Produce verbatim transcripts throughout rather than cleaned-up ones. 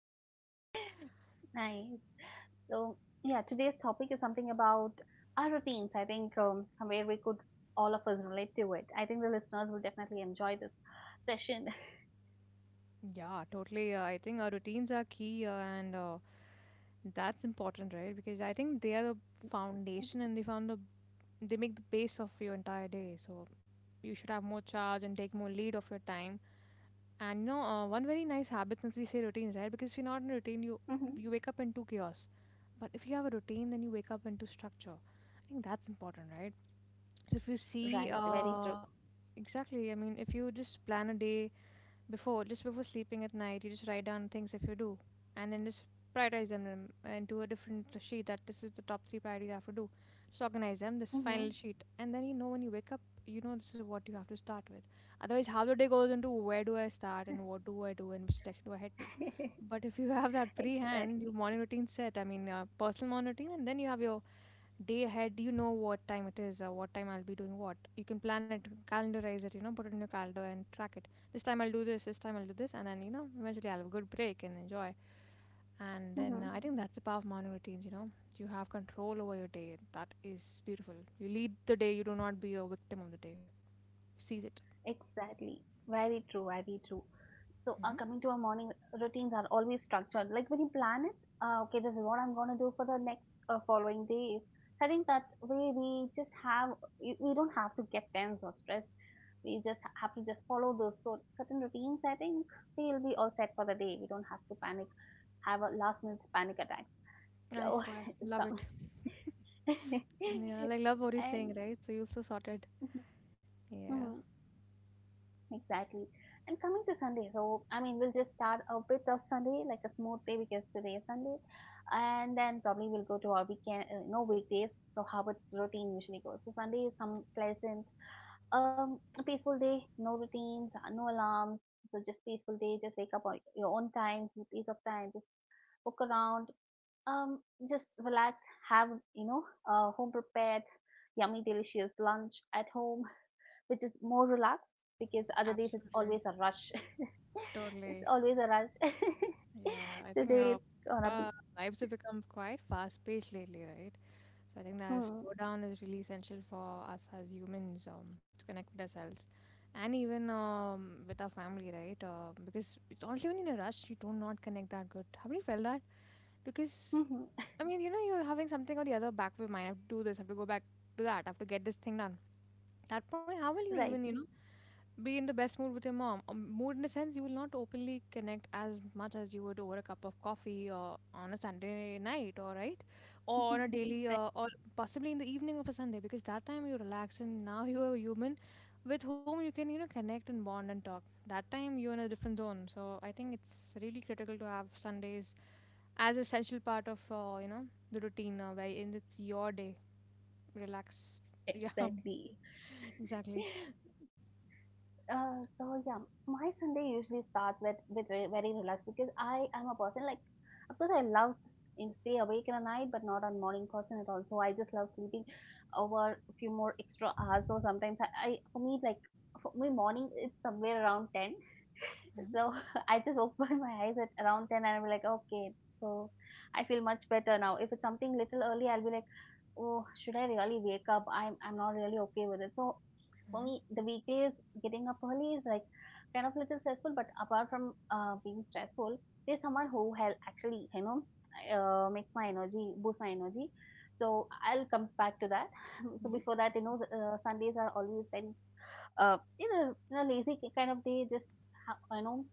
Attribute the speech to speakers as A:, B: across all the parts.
A: Yeah,
B: Nice. So, yeah, today's topic is something about our routines. I think um, somewhere we could all of us relate to it. I think the listeners will definitely enjoy this session.
A: yeah, totally. Uh, I think our routines are key, uh, and uh, that's important, right? Because I think they are the
B: M. An.
A: foundation, and they found the they make the base of your entire day. So you should have more charge and take more lead of your time. And you know, uh, one very nice habit, since we say routines, right? Because if you're not in a routine, you
B: Mhm.
A: you wake up into chaos. But if you have a routine, then you wake up into structure. I think that's important, right? So if you see,
B: Right, very true.
A: uh, exactly. I mean, if you just plan a day before, just before sleeping at night, you just write down things if you do, and then just prioritize them um, into a different sheet, that this is the top three priorities I have to do, just organize them, this
B: Mhm.
A: final sheet, and then you know when you wake up, you know this is what you have to start with. Otherwise, how the day goes into where do I start, and what do I do, and which direction do I head to? But if you have that pre-hand, your
B: Exactly.
A: morning routine set, I mean uh, personal morning routine, and then you have your day ahead, you know what time it is or what time I'll be doing what. You can plan it, calendarize it, you know, put it in your calendar and track it. This time I'll do this, this time I'll do this, and then you know eventually I'll have a good break and enjoy. And then
B: Mhm.
A: uh, I think that's the power of morning routines, you know. You have control over your day. That is beautiful. You lead the day. You do not be a victim of the day. Seize it.
B: Exactly. Very true, very true. So,
A: Hmm.
B: uh, coming to our morning routines are always structured. Like when you plan it, uh, okay, this is what I'm going to do for the next uh, following days. I think that way we just have, we we don't have to get tense or stressed. We just ha- have to just follow those sort, certain routines. I think we'll be all set for the day. We don't have to panic, have a last minute panic attack.
A: I
B: So,
A: swear,
B: it's
A: love
B: come.
A: it. Yeah, like, love what you're saying, right? So you are so sorted. Yeah,
B: And, exactly. And coming to Sunday, so I mean, we'll just start a bit of Sunday, like a smooth day because today is Sunday, and then probably we'll go to our weekend, uh, no weekdays. So how its routine usually goes. So Sunday is some pleasant, um, peaceful day, no routines, uh, no alarms. So just peaceful day. Just wake up on your own time, your piece of time. Just walk around, um, just relax. Have you know, uh, home prepared, yummy, delicious lunch at home, which is more relaxed because other days it's
A: absolutely,
B: always a rush. It's
A: totally.
B: always a rush.
A: Yeah, I think
B: Today
A: uh,
B: it's gonna be.
A: uh, lives have become quite fast-paced lately, right? So I think that
B: Hmm.
A: slowdown is really essential for us as humans um, to connect with ourselves and even um, with our family, right? Uh, because it's also when you're in a rush, you do not connect that good. Have you felt that? Because I mean, you know, you're having something or the other back of your mind. I have to do this. I have to go back to that. I have to get this thing done. At that point, how will you
B: Right.
A: even, you know, be in the best mood with your mom? Um, mood in the sense, you will not openly connect as much as you would over a cup of coffee or on a Sunday night, or right, or on a daily uh, or possibly in the evening of a Sunday, because that time you relax and now you are a human with whom you can, you know, connect and bond and talk. That time you're in a different zone, so I think it's really critical to have Sundays as essential part of uh, you know, the routine, uh, where in it's your day, relax. Yeah,
B: Exactly.
A: exactly.
B: Uh, so yeah, my Sunday usually starts with with very, very relaxed because I am a person, like, of course, I love s- in stay awake in the night, but not a morning person at all. So I just love sleeping over a few more extra hours. So sometimes I, I for me like for me morning it's somewhere around ten.
A: Hmm.
B: So I just open my eyes at around ten and I'm like, okay, so I feel much better now. If it's something little early, I'll be like, oh, should I really wake up? I'm I'm not really okay with it. So for
A: Hmm.
B: me, the weekdays getting up early is like kind of a little stressful, but apart from uh, being stressful, there's someone who help, actually, you know uh, makes my energy, boost my energy, so I'll come back to that. So
A: Hmm.
B: before that, you know uh, Sundays are always very uh, you know in a lazy kind of day. Just ha- you know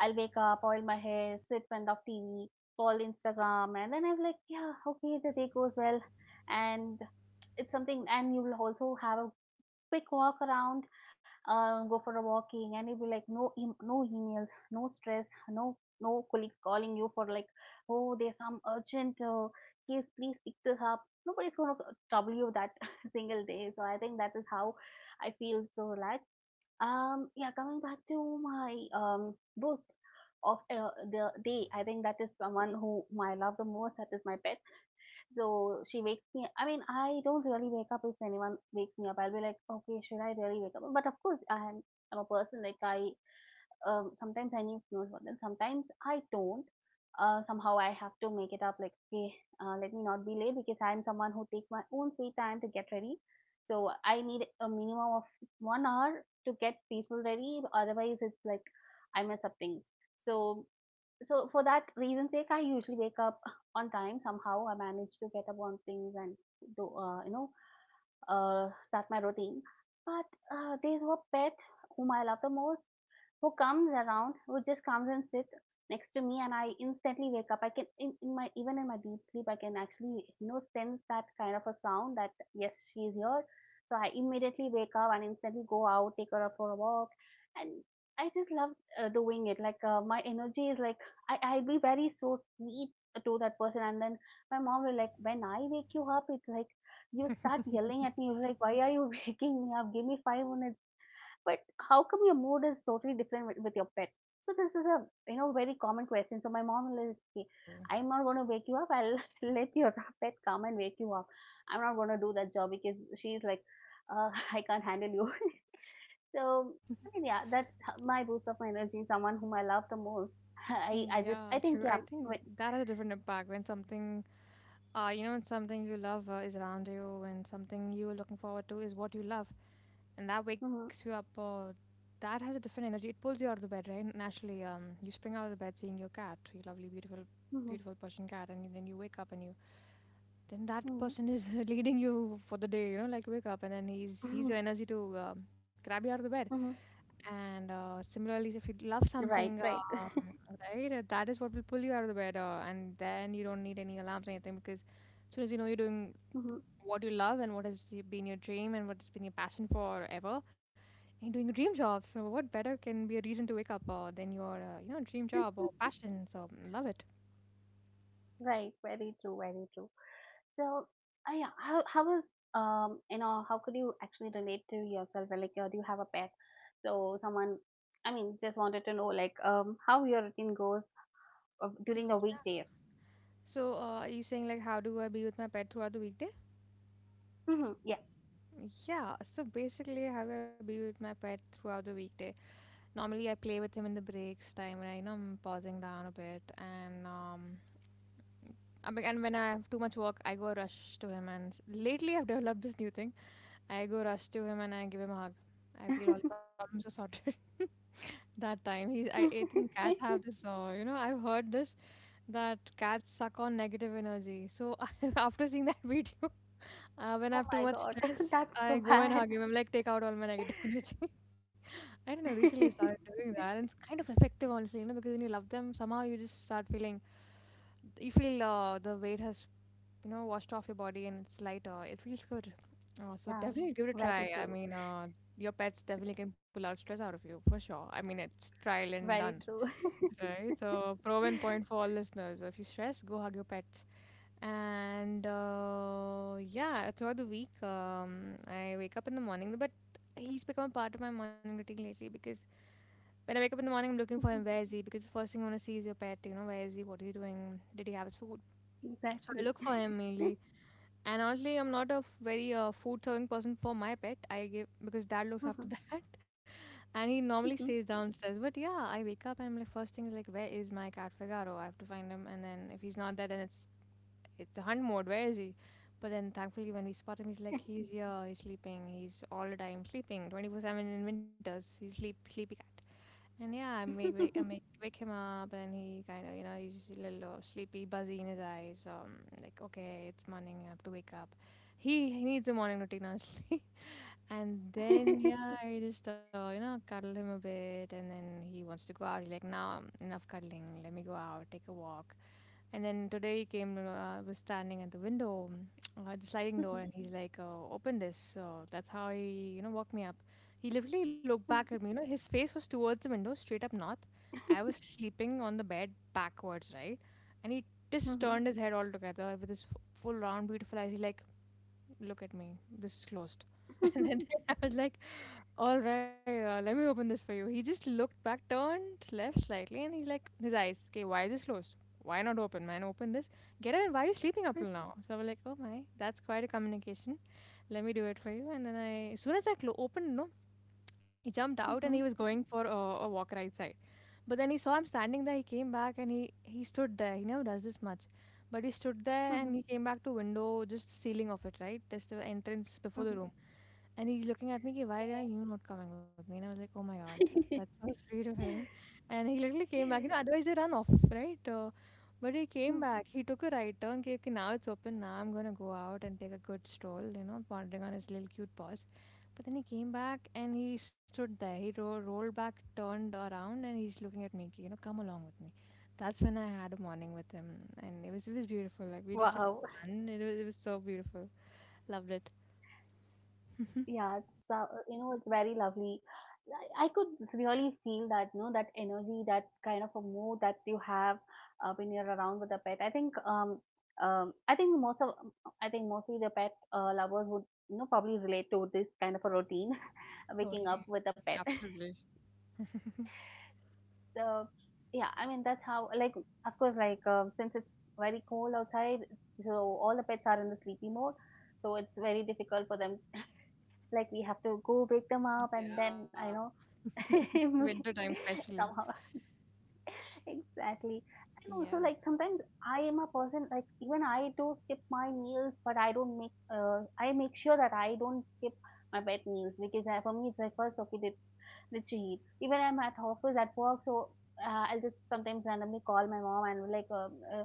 B: I'll wake up, oil my hair, sit in front of TV, scroll Instagram, and then I'm like, yeah, okay, the day goes well. And it's something, and you will also have a quick walk around, uh, go for a walking, and you'll be like, no, em- no emails, no stress, no no colleagues calling you for like, oh, there's some urgent uh, case, please pick this up. Nobody's gonna trouble you that single day. So I think that is how I feel so relaxed. Um, yeah, coming back to my um boost of uh, the day, I think that is someone who I love the most. That is my pet. So she wakes me, I mean, I don't really wake up if anyone wakes me up. I'll be like, okay, should I really wake up? But of course, I am, I'm a person, like, I um, sometimes I need snooze button, sometimes I don't. Uh, somehow I have to make it up. Like, okay, uh, let me not be late because I'm someone who take my own sweet time to get ready. So I need a minimum of one hour to get peaceful ready. Otherwise, it's like I mess up things. So so for that reason's sake, I usually wake up on time. Somehow I manage to get up on things and do, uh, you know uh, start my routine. But uh, there's one pet whom I love the most, who comes around, who just comes and sits next to me, and I instantly wake up. I can, in, in my even in my deep sleep, I can actually you know sense that kind of a sound, that yes, she is here. So I immediately wake up and instantly go out, take her for a walk, and I just love uh, doing it. Like, uh, my energy is like I I'll be very so sweet to that person, and then my mom will, like, when I wake you up, it's like you start yelling at me. You're like, why are you waking me up? Give me five minutes. But how come your mood is totally different with, with your pet? So this is a, you know very common question. So my mom will say,
A: True.
B: I'm not going to wake you up. I'll let your pet come and wake you up. I'm not going to do that job because she's like, uh, I can't handle you. So I mean, yeah, that's h- my boost of my energy, someone whom I love the most. i
A: Mm,
B: i just i
A: yeah,
B: think,
A: true.
B: yeah,
A: I think
B: wait.
A: that has a different impact when something, uh, you know, when something you love uh, is around you, and something you're looking forward to is what you love, and that wakes you
B: Hmm.
A: up. Uh, that has a different energy. It pulls you out of the bed, right? Naturally, um, you spring out of the bed seeing your cat, your lovely, beautiful,
B: Hmm.
A: beautiful Persian cat, and then you wake up and you, then that person is leading you for the day, you know, like wake up, and then he's he's your
B: Hmm.
A: energy to uh, grab you out of the bed.
B: Hmm.
A: And uh, similarly, if you love something,
B: Right, right.
A: um, right, uh, that is what will pull you out of the bed, uh, and then you don't need any alarms or anything, because as soon as you know you're doing
B: Hmm.
A: what you love, and what has y- been your dream, and what has been your passion forever, you're doing a dream job. So what better can be a reason to wake up uh, than your, uh, you know, dream job or passion? So mm, love it.
B: Right, very true, very true. So, uh, yeah, how how was, um you know how could you actually relate to yourself? Or like, uh, do you have a pet? So someone, I mean, just wanted to know, like, um how your routine goes uh, during the weekdays.
A: So uh, are you saying like, how do I be with my pet throughout the weekday?
B: Hmm, yeah.
A: Yeah. So basically, how do I be with my pet throughout the weekday? Normally I play with him in the breaks time when I, you know, I'm pausing down a bit, and um I be- and when I have too much work, I go rush to him, and s- lately I've developed this new thing. I go rush to him and I give him a hug. I feel all problems are sorted. That time he, I, I think cats have this, uh, you know, I've heard this, that cats suck on negative energy. So after seeing that video, uh, when I
B: Oh
A: have too
B: my
A: much
B: god,
A: stress,
B: that's
A: I
B: so
A: go and
B: bad.
A: hug him. I'm like, take out all my negative energy. I don't know. Recently, I started doing that, and it's kind of effective, honestly. You know, because when you love them, somehow you just start feeling, you feel uh, the weight has, you know, washed off your body, and it's lighter. It feels good. Uh, so
B: Yeah,
A: definitely give it a
B: very
A: try. I
B: true.
A: mean, uh, your pets definitely can pull out stress out of you for sure. I mean, it's trial and done,
B: Very true.
A: right? So proven point for all listeners. If you stress, go hug your pet. And uh, yeah, throughout the week, um, I wake up in the morning. But he's become a part of my morning routine lately, because when I wake up in the morning, I'm looking for him. Where is he? Because the first thing I want to see is your pet. You know, where is he? What is he doing? Did he have his food? So I
B: Exactly.
A: look for him mainly. And honestly, I'm not a f- very uh, food serving person for my pet. I give because dad looks
B: Mhm.
A: after that, and he normally
B: Mhm.
A: stays downstairs. But yeah, I wake up and I'm like, first thing is like, where is my cat Figaro? I have to find him. And then if he's not there, then it's it's a hunt mode. Where is he? But then thankfully, when we spot him, he's like, he's here, he's sleeping, he's all the time sleeping, twenty-four seven in winters. He's sleep sleepy cat. And yeah, I make wake I make wake him up, and he kind of, you know, he's just a little uh, sleepy, buzzy in his eyes. Um, like okay, it's morning, I have to wake up. He, he needs a morning routine, honestly. And then yeah, I just uh, you know, cuddle him a bit, and then he wants to go out. He's like, "Now enough cuddling. Let me go out, take a walk." And then today he came, uh, was standing at the window, uh, the sliding door,
B: Mhm.
A: and he's like, uh, "Open this." So that's how he, you know, woke me up. He literally looked back at me. You know, his face was towards the window, straight up north. I was sleeping on the bed backwards, right? And he
B: Mhm.
A: just
B: Mhm.
A: turned his head all together with his f- full round, beautiful eyes. He's like, look at me, this is closed. And then I was like, all right, uh, let me open this for you. He just looked back, turned left slightly, and he's like, his eyes, okay, why is this closed? Why not open, man? Open this. Get up, and why are you sleeping up till now? So I was like, oh my, that's quite a communication. Let me do it for you. And then I, as soon as I clo- opened, no, he jumped out and
B: Mhm.
A: he was going for a, a walk right side. But then he saw I'm standing there. He came back and he he stood there. He never does this much, but he stood there and he
B: Mhm.
A: came back to window, just ceiling of it, right? There's the entrance before the
B: Mhm.
A: room, and he's looking at me. Ki, why are you not coming with me? And I was like, oh my god, that's so sweet of him. And he literally came back. You know, otherwise they run off, right? Uh, but he came
B: Mm.
A: back. He took a right turn. Okay, okay, now it's open. Now I'm gonna go out and take a good stroll. You know, pondering on his little cute paws. But then he came back and he stood there. He ro- rolled back, turned around, and he's looking at me. You know, come along with me. That's when I had a morning with him, and it was it was beautiful. Like we just took
B: Wow.
A: the sun. It was it was so beautiful. Loved it.
B: Yeah, it's uh, you know it's very lovely. I, I could really feel that, you know that energy, that kind of a mood that you have uh, when you're around with a pet. I think um um I think most of I think mostly the pet uh, lovers would, you know probably relate to this kind of a routine, waking up
A: Totally.
B: with a pet.
A: Absolutely.
B: So yeah, I mean that's how, like, of course, like, um, since it's very cold outside, so all the pets are in the sleepy mode. So it's very difficult for them, like we have to go break them up, and
A: Yeah.
B: then I know.
A: Winter time, especially.
B: Somehow. Exactly. And also,
A: Yeah.
B: like, sometimes I am a person, like, even I do skip my meals, but I don't make, uh, I make sure that I don't skip my bed meals, because I, for me, it's like, first, okay, let's, let's eat. Even I'm at office, at work, so uh, I'll just sometimes randomly call my mom and, like, um uh,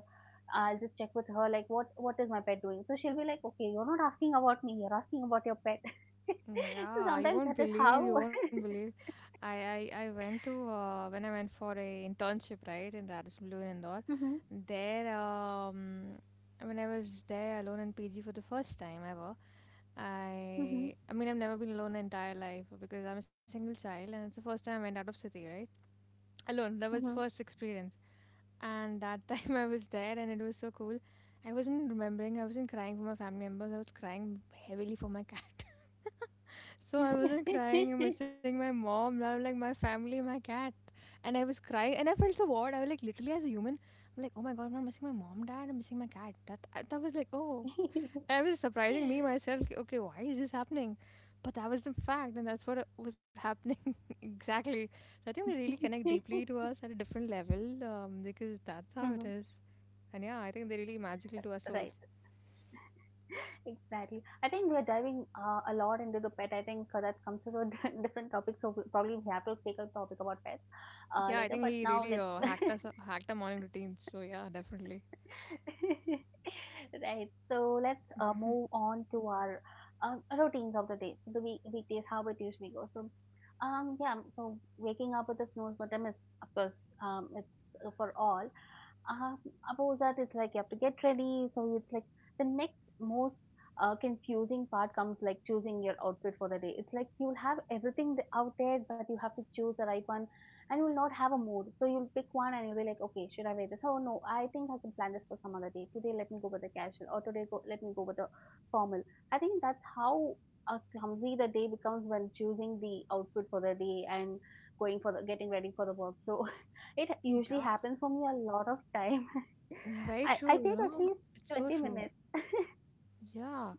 B: I'll just check with her, like, what, what is my pet doing? So she'll be like, okay, you're not asking about me, you're asking about your pet.
A: Mm,
B: So
A: yeah, you
B: sometimes
A: won't
B: that is
A: believe,
B: how.
A: you won't believe. I, I, I went to uh, when I went for a internship right in Radisson Blue in Indore.
B: Hmm.
A: There, um, when I was there alone in P G for the first time ever, I I mean I've never been alone my entire life because I'm a single child, and it's the first time I went out of city, right? Alone. That was the
B: Hmm.
A: first experience, and that time I was there, and it was so cool. I wasn't remembering, I wasn't crying for my family members, I was crying heavily for my cat. So I wasn't crying and
B: Hmm.
A: missing my mom. Now I'm like, my family, my cat. And I was crying, and I felt so bored. I was like, literally, as a human, I'm like, oh my god, I'm not missing my mom, dad. I'm missing my cat. That I- that was like, oh. And I was surprising me myself, like, okay, why is this happening? But that was the fact, and that's what uh, was happening, exactly. So I think they really connect deeply to us at a different level, um, because that's how it
B: Mhm.
A: is. And yeah, I think they're really magical to our
B: Right.
A: souls.
B: Exactly. I think we're diving uh, a lot into the pet. I think uh, that comes to a di- different topic. So we- probably we have to take a topic about pets
A: Yeah,
B: uh,
A: I
B: later.
A: think
B: But
A: he
B: now
A: really
B: let's
A: uh,
B: right.
A: hacked us, hacked our morning routines. So yeah, definitely.
B: So let's uh, move on to our um, routines of the day. So the week weekdays, how it usually goes. So um yeah. So waking up with a snooze button is, of course, um it's uh, for all. Um, Above that, it's like you have to get ready. So it's like the next most uh, confusing part comes like choosing your outfit for the day. It's like you'll have everything th- out there, but you have to choose the right one, and you'll not have a mood. So you'll pick one and you'll be like, okay, should I wear this? Oh no, I think I can plan this for some other day. Today, let me go with the casual, or today, go, let me go with the formal. I think that's how uh, clumsy the day becomes when choosing the outfit for the day, and going for the getting ready for the work. So it usually happens for me a lot of time.
A: Mm, very
B: I, I
A: true, you
B: take at
A: know.
B: least
A: It's so
B: twenty
A: true.
B: minutes.
A: Yeah.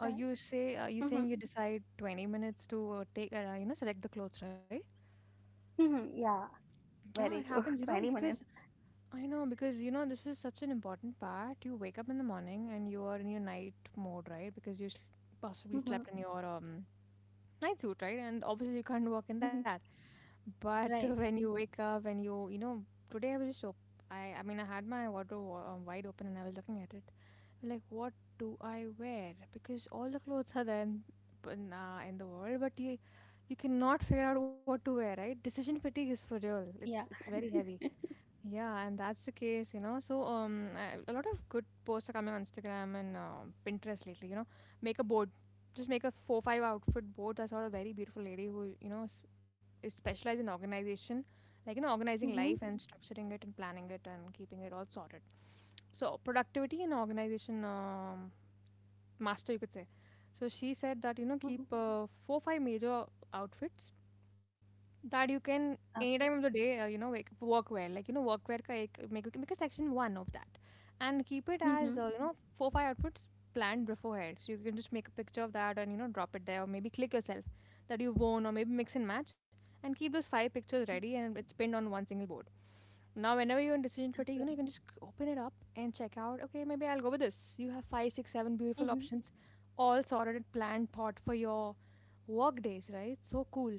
A: Uh, you say uh, you
B: Mm-hmm,
A: saying you decide twenty minutes to uh, take uh, you know select the clothes, right?
B: mm-hmm, yeah,
A: Yeah, it
B: very
A: happens,
B: true.
A: you know,
B: twenty
A: because
B: minutes.
A: I know because you know this is such an important part. You wake up in the morning and you are in your night mode, right? Because you s- possibly
B: Mm-hmm,
A: slept in your um night suit, right? And obviously you can't work in that.
B: mm-hmm,
A: But when
B: right.
A: you wake up and you you know today I was just op- I I mean I had my wardrobe wa- uh, wide open and I was looking at it, like, what do I wear? Because all the clothes are there in, but, nah, in the world, but you you cannot figure out what to wear, right? Decision fatigue is for real. It's
B: Yeah.
A: it's very heavy. Yeah, and that's the case, you know. So um, I- a lot of good posts are coming on Instagram and um Pinterest lately. You know, make a board. Just make a four five outfit board. I saw a very beautiful lady who you know is, is specialized in organization, like you know organizing life
B: Mm-hmm,
A: and structuring it and planning it and keeping it all sorted. So productivity and organization. Um, master, you could say. So she said that you know keep
B: mm-hmm,
A: uh, four five major outfits, that you can any
B: okay.
A: time of the day uh, you know like work wear, like you know work wear ka ek, make make a section one of that and keep it
B: Mm-hmm,
A: as uh, you know four five outfits planned beforehand, so you can just make a picture of that and you know drop it there, or maybe click yourself that you've worn, or maybe mix and match and keep those five pictures ready, and it's pinned on one single board. Now, whenever you're in decision fatigue, you know, you can just open it up and check out, okay, maybe I'll go with this. You have five, six, seven beautiful
B: mm-hmm,
A: options, all sorted and planned, thought for your work days, right? So cool. And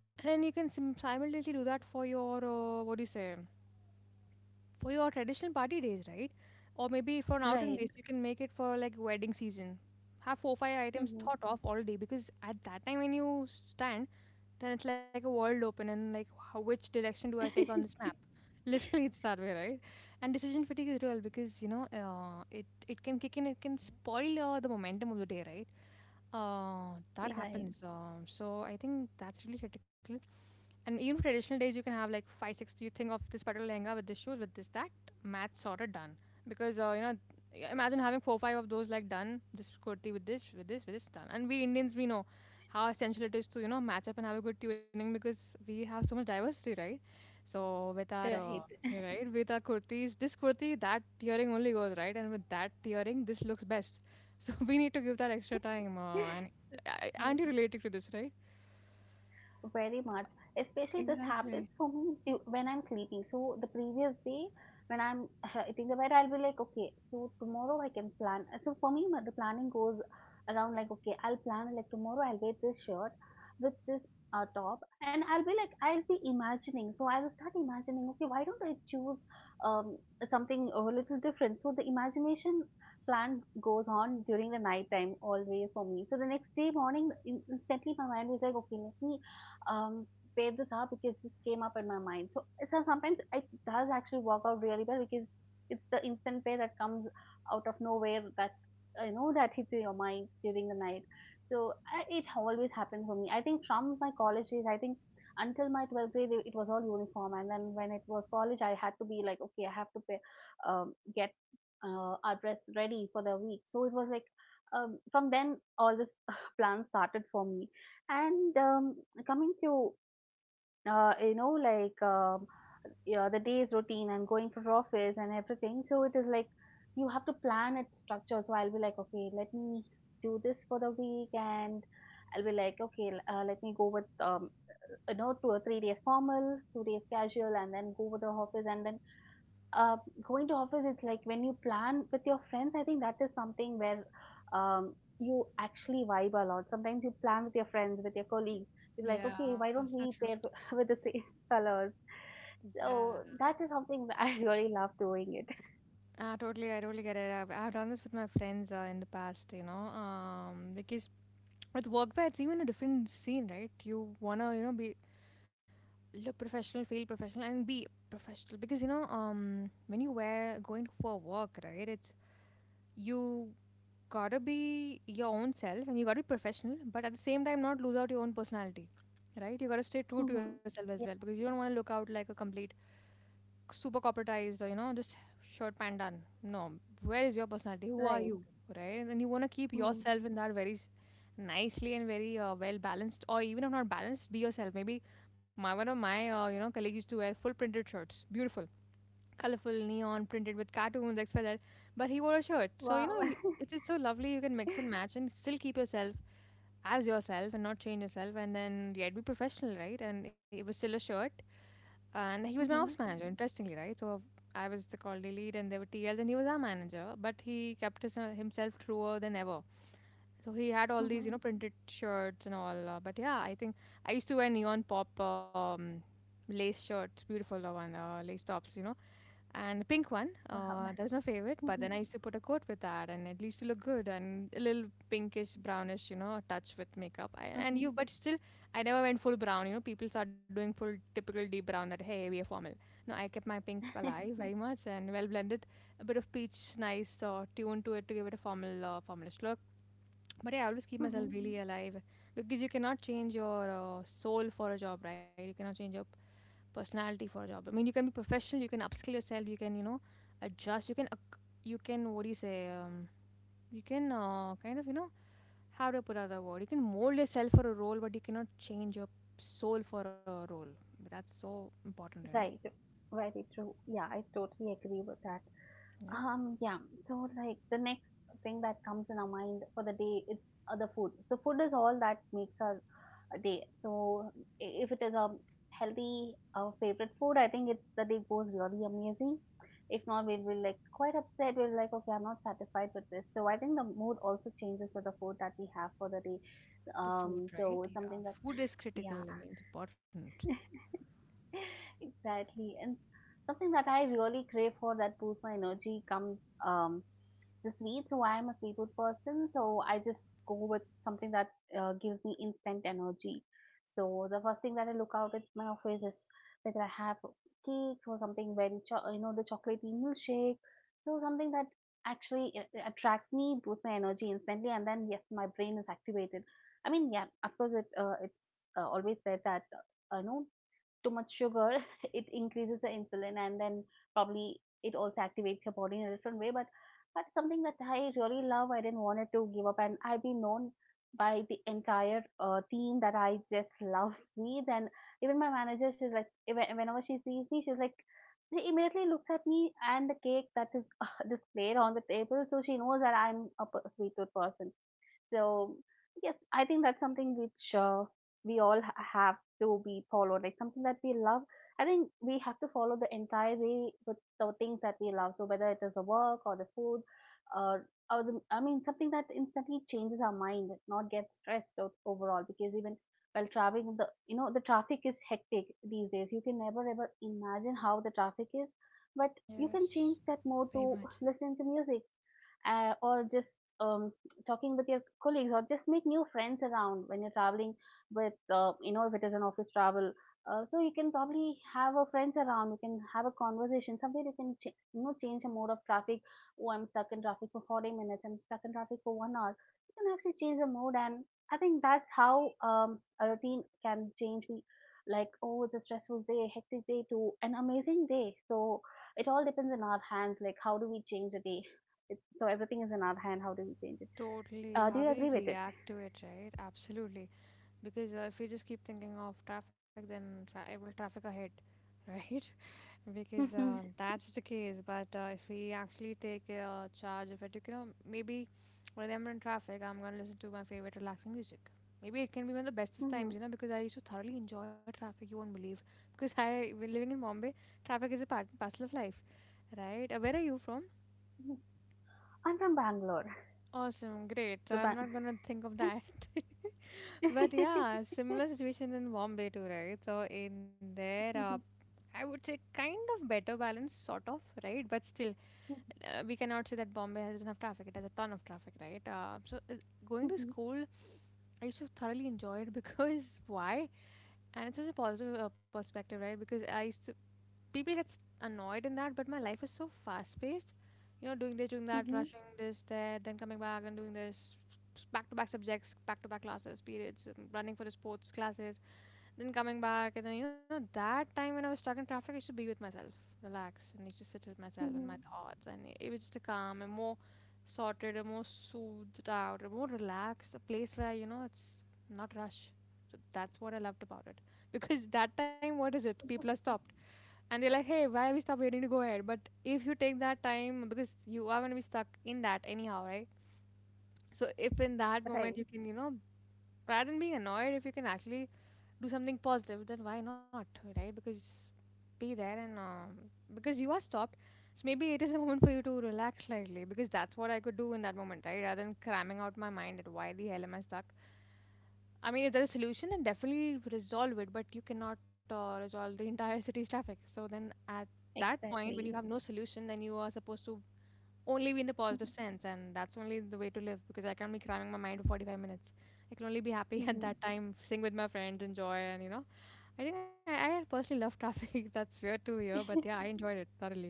A: then you can sim- simultaneously do that for your, uh, what do you say, for your traditional party days, right? Or maybe for an outing
B: right.
A: days, you can make it for like wedding season. Have four, five items
B: Mm-hmm.
A: thought of all day, because at that time when you stand, then it's like a world open, and like, how, which direction do I take on this map? Literally, it's that way, right? And decision fatigue is real, because you know uh, it it can kick in, it can spoil uh, the momentum of the day, right? Uh, that
B: Right.
A: happens. Um, so I think that's really critical. And even for traditional days, you can have like five six, you think of this particular lehenga with this shoes with this that, match sorted, done. Because uh, you know, y- imagine having four five of those, like done this kurti with this with this with this, done. And we Indians, we know how essential it is to you know match up and have a good tuning, because we have so much diversity, right? So with our uh,
B: Right.
A: you're right, with our kurtis, this kurti that tearing only goes right, and with that tearing this looks best. So we need to give that extra time, uh, and uh, aren't
B: Right.
A: you related to this, right?
B: Very much. Especially this
A: Exactly.
B: happens for me du- when I'm sleeping. So the previous day, when I'm hitting the bed, I'll be like, okay, so tomorrow I can plan. So for me, my- the planning goes around like, okay, I'll plan like tomorrow I'll wear this shirt with this uh, top, and I'll be like, I'll be imagining. So I'll start imagining, okay, why don't I choose um something a little different? So the imagination plan goes on during the night time always for me. So the next day morning, in- instantly my mind is like, okay, let me um, pair this up because this came up in my mind. So, so sometimes it does actually work out really well because it's the instant pair that comes out of nowhere that uh, you know that hits in your mind during the night. So I, it always happens for me. I think from my college days, I think until my twelfth grade it was all uniform. And then when it was college, I had to be like, okay, I have to pay, um, get uh, our dress ready for the week. So it was like, um, from then all this plan started for me. And um, coming to uh, you know like um, yeah, the day's routine and going for office and everything, so it is like you have to plan it structure. So I'll be like, okay, let me do this for the week. And I'll be like, okay, l- uh, let me go with um, you know two or three days formal, two days casual, and then go with the office. And then uh, going to office, it's like when you plan with your friends, I think that is something where um, you actually vibe a lot. Sometimes you plan with your friends, with your colleagues. You're like,
A: Yeah,
B: okay, why
A: so
B: don't we pair with the same colors?
A: yeah,
B: So that is something that I really love doing it.
A: uh, totally. I totally get it. I've, I've done this with my friends uh, in the past, you know, um, because with workwear, it's even a different scene, right? You wanna, you know, be look professional, feel professional, and be professional, because you know, um, when you wear going for work, right? It's you gotta be your own self and you gotta be professional, but at the same time, not lose out your own personality, right? You gotta stay true to
B: Hmm.
A: yourself as well,
B: Yeah.
A: because you don't want to look out like a complete super corporatized, or you know just short pan done, no, where is your personality, who are
B: Right.
A: you, right? And you want to keep
B: Mm.
A: yourself in that very s- nicely and very uh, well balanced, or even if not balanced, be yourself. Maybe my one of my uh, you know colleagues used to wear full printed shirts, beautiful colorful neon printed with cartoons xyz, but he wore a shirt. So you
B: Wow.
A: know y- it's, it's so lovely, you can mix and match and still keep yourself as yourself and not change yourself, and then yet be professional, right? And it was still a shirt. And he was my ops
B: Hmm.
A: manager, interestingly, right? So I was the quality lead and there were T Ls, and he was our manager, but he kept his, himself truer than ever. So he had all these you
B: Hmm.
A: know printed shirts and all, uh, but yeah, I think I used to wear neon pop um, lace shirts, beautiful uh, one uh, lace tops, you know, and the pink one.
B: Wow.
A: Uh, that was my favorite. But
B: Hmm.
A: then I used to put a coat with that, and it used to look good and a little pinkish, brownish, you know, touch with makeup. I, and
B: Hmm.
A: you, but still, I never went full brown. You know, people start doing full typical deep brown, that hey, we are formal. No, I kept my pink alive very much and well blended. A bit of peach, nice uh, tune to it to give it a formal, uh, formalish look. But yeah, I always keep
B: Hmm.
A: myself really alive, because you cannot change your uh, soul for a job, right? You cannot change your personality for a job. I mean, you can be professional, you can upskill yourself, you can you know adjust, you can ac- you can what do you say, um, you can uh, kind of you know, how to put out the word, you can mold yourself for a role, but you cannot change your soul for a role. That's so important, you know.
B: Right. Very true, yeah, I totally agree with that.
A: Yeah,
B: Um, yeah. So like the next thing that comes in our mind for the day is uh, the food. So food is all that makes our uh, day. So i- if it is a healthy uh, favorite food, I think it's the day goes really amazing. If not, we will like quite upset. We're like, okay, I'm not satisfied with this. So I think the mood also changes with the food that we have for the day.
A: the
B: Um,
A: food,
B: so
A: right?
B: it's
A: Yeah,
B: something that
A: food is critical,
B: yeah,
A: I mean, it's important.
B: exactly. And something that I really crave for that boosts my energy comes um the sweets. So I am a sweet tooth person, so I just go with something that uh, gives me instant energy. So the first thing that I look out at my office is whether I have cakes or something very cho- you know, the chocolatey milkshake. So something that actually a- a- attracts me, boosts my energy instantly, and then yes, my brain is activated. I mean, yeah, of course, it uh, it's uh, always said that uh, you know too much sugar it increases the insulin, and then probably it also activates your body in a different way, but that's something that I really love. I didn't want it to give up, and I've been known by the entire uh, team that I just love sweets. And even my manager, she's like, even- whenever she sees me, she's like, she immediately looks at me and the cake that is displayed on the table, so she knows that I'm a p- sweet tooth person. So yes, I think that's something which uh, we all ha- have to be followed. Like something that we love. I think we have to follow the entire way with the things that we love. So whether it is the work or the food, or or the, I mean something that instantly changes our mind, not get stressed out overall. Because even while traveling, the you know the traffic is hectic these days. You can never ever imagine how the traffic is, but you can
A: Yes,
B: change that mode
A: very
B: to
A: much.
B: listen to music, uh, or just um, talking with your colleagues, or just make new friends around when you're traveling with, uh, you know, if it is an office travel. Uh, so you can probably have a friends around, you can have a conversation somewhere, you can ch- you know, change the mode of traffic. Oh, I'm stuck in traffic for forty minutes, I'm stuck in traffic for one hour. You can actually change the mode. And I think that's how um, a routine can change me. Like, oh, it's a stressful day, hectic day to an amazing day. So it all depends on our hands, like how do we change a day. It's, so everything is in our hand. How do we change it?
A: Totally.
B: Uh, do
A: How
B: you
A: we
B: agree with it?
A: react to it, right? Absolutely. Because uh, if we just keep thinking of traffic, then tra- it will traffic ahead, right? Because uh,
B: Mhm,
A: that's the case, but uh, if we actually take uh, charge of it, you know, maybe when I'm in traffic, I'm gonna listen to my favorite relaxing music. Maybe it can be one of the bestest times,
B: mhm,
A: you know, because I used to thoroughly enjoy traffic, you won't believe. Because I, we're living in Bombay, traffic is a part and parcel of life, right? Uh, where are you from?
B: mhm. I'm from Bangalore.
A: Awesome, great. So
B: So
A: I'm
B: Bang-
A: not gonna think of that. But yeah, similar situation in Bombay too, right? So in there, uh,
B: Mhm,
A: I would say kind of better balance, sort of, right? But still,
B: mhm,
A: uh, we cannot say that Bombay has enough traffic. It has a ton of traffic, right? Uh, so uh, going to school, I used to thoroughly enjoy it because why? And it's just a positive uh, perspective, right? Because I used to, people get s- annoyed in that, but my life is so fast paced. You know, doing this, doing that,
B: mhm,
A: rushing this, there, then coming back and doing this, back to back subjects, back to back classes, periods, um, running for the sports classes. Then coming back, and then, you know, that time when I was stuck in traffic, I used to be with myself, relax, and I used to sit with myself and my
B: mhm.
A: thoughts, and it it was just a calm and more sorted, a more soothed out, a more relaxed, a place where, you know, it's not rush. So that's what I loved about it. Because that time, what is it? People are stopped. And they're like, hey, why are we stopped waiting to go ahead? But if you take that time, because you are going to be stuck in that anyhow, right? So if in that moment
B: Right.
A: you can, you know, rather than being annoyed, if you can actually do something positive, then why not, right? Because be there and um, because you are stopped. So maybe it is a moment for you to relax slightly because that's what I could do in that moment, right? Rather than cramming out my mind at why the hell am I stuck. I mean, if there's a solution, then definitely resolve it, but you cannot uh, resolve the entire city's traffic. So then at that point, when you
B: Exactly.
A: have no solution, then you are supposed to only be in the positive
B: Mhm,
A: sense, and that's only the way to live because I can't be cramming my mind for forty-five minutes. I can only be happy at
B: mhm.
A: that time, sing with my friends, enjoy, and you know I think I, I personally love traffic. That's weird to hear, but yeah, I enjoyed it thoroughly.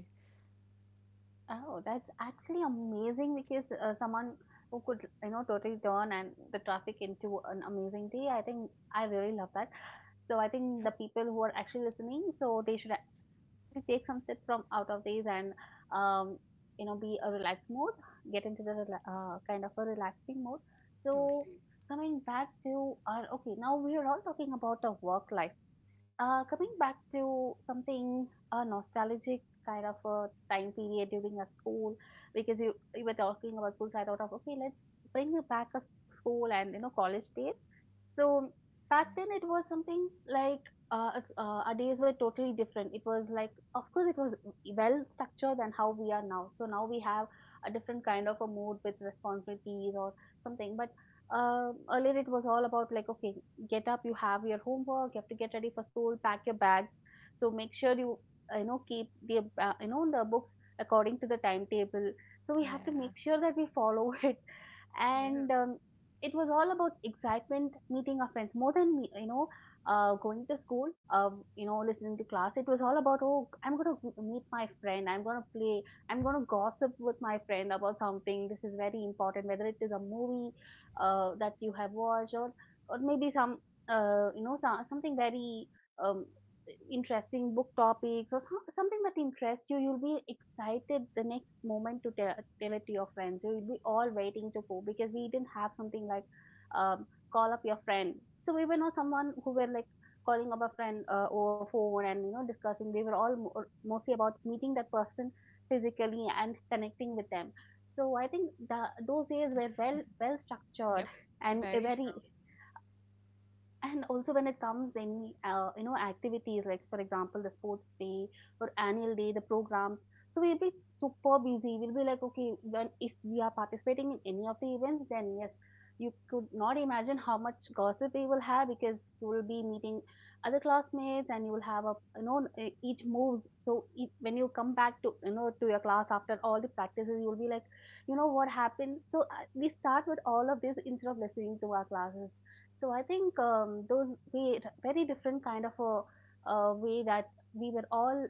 B: Oh, that's actually amazing because uh, someone who could, you know, totally turn and the traffic into an amazing day. I think I really love that. So I think the people who are actually listening, so they should take some steps from out of these, and um, you know, be a relaxed mode, get into the uh, kind of a relaxing mode. So
A: Totally.
B: coming back to our, okay, now we are all talking about the work life. Uh, coming back to something uh, nostalgic, kind of a time period during a school, because you, you were talking about school, so I thought of, okay, let's bring it back a school and you know college days. So back then it was something like, uh, us- uh, our days were totally different. It was like, of course, it was well structured than how we are now. So now we have a different kind of a mood with responsibilities or something. But um earlier it was all about like, okay, get up, you have your homework, you have to get ready for school, pack your bags, so make sure you uh, you know keep the uh, you know the books according to the timetable. So we have to make
A: Yeah.
B: sure that we follow it.
A: Yeah.
B: And um, It was all about excitement, meeting our friends, more than me- you know, uh, going to school, uh, you know, listening to class. It was all about, oh, I'm going to meet my friend, I'm going to play, I'm going to gossip with my friend about something. This is very important, whether it is a movie uh, that you have watched, or or maybe some uh, you know so- something very um, interesting book topics, or some, something that interests you. You'll be excited the next moment to tell, tell it to your friends. So you'll be all waiting to go, because we didn't have something like, um, call up your friend. So we were not someone who were like calling up a friend uh, over phone and you know discussing. We were all mo- mostly about meeting that person physically and connecting with them. So I think the, those days were well well structured
A: Yep.
B: and a
A: Very
B: very.
A: sure.
B: And also when it comes in uh, you know activities like for example the sports day or annual day the programs. So we'll be super busy, we'll be like, okay, when if we are participating in any of the events, then yes, you could not imagine how much gossip we will have, because you will be meeting other classmates, and you will have a, you know, e- each moves. So e- when you come back to, you know, to your class after all the practices, you will be like, you know, what happened. So uh, we start with all of this instead of listening to our classes. So I think, um, those we very different kind of a uh, way that we were all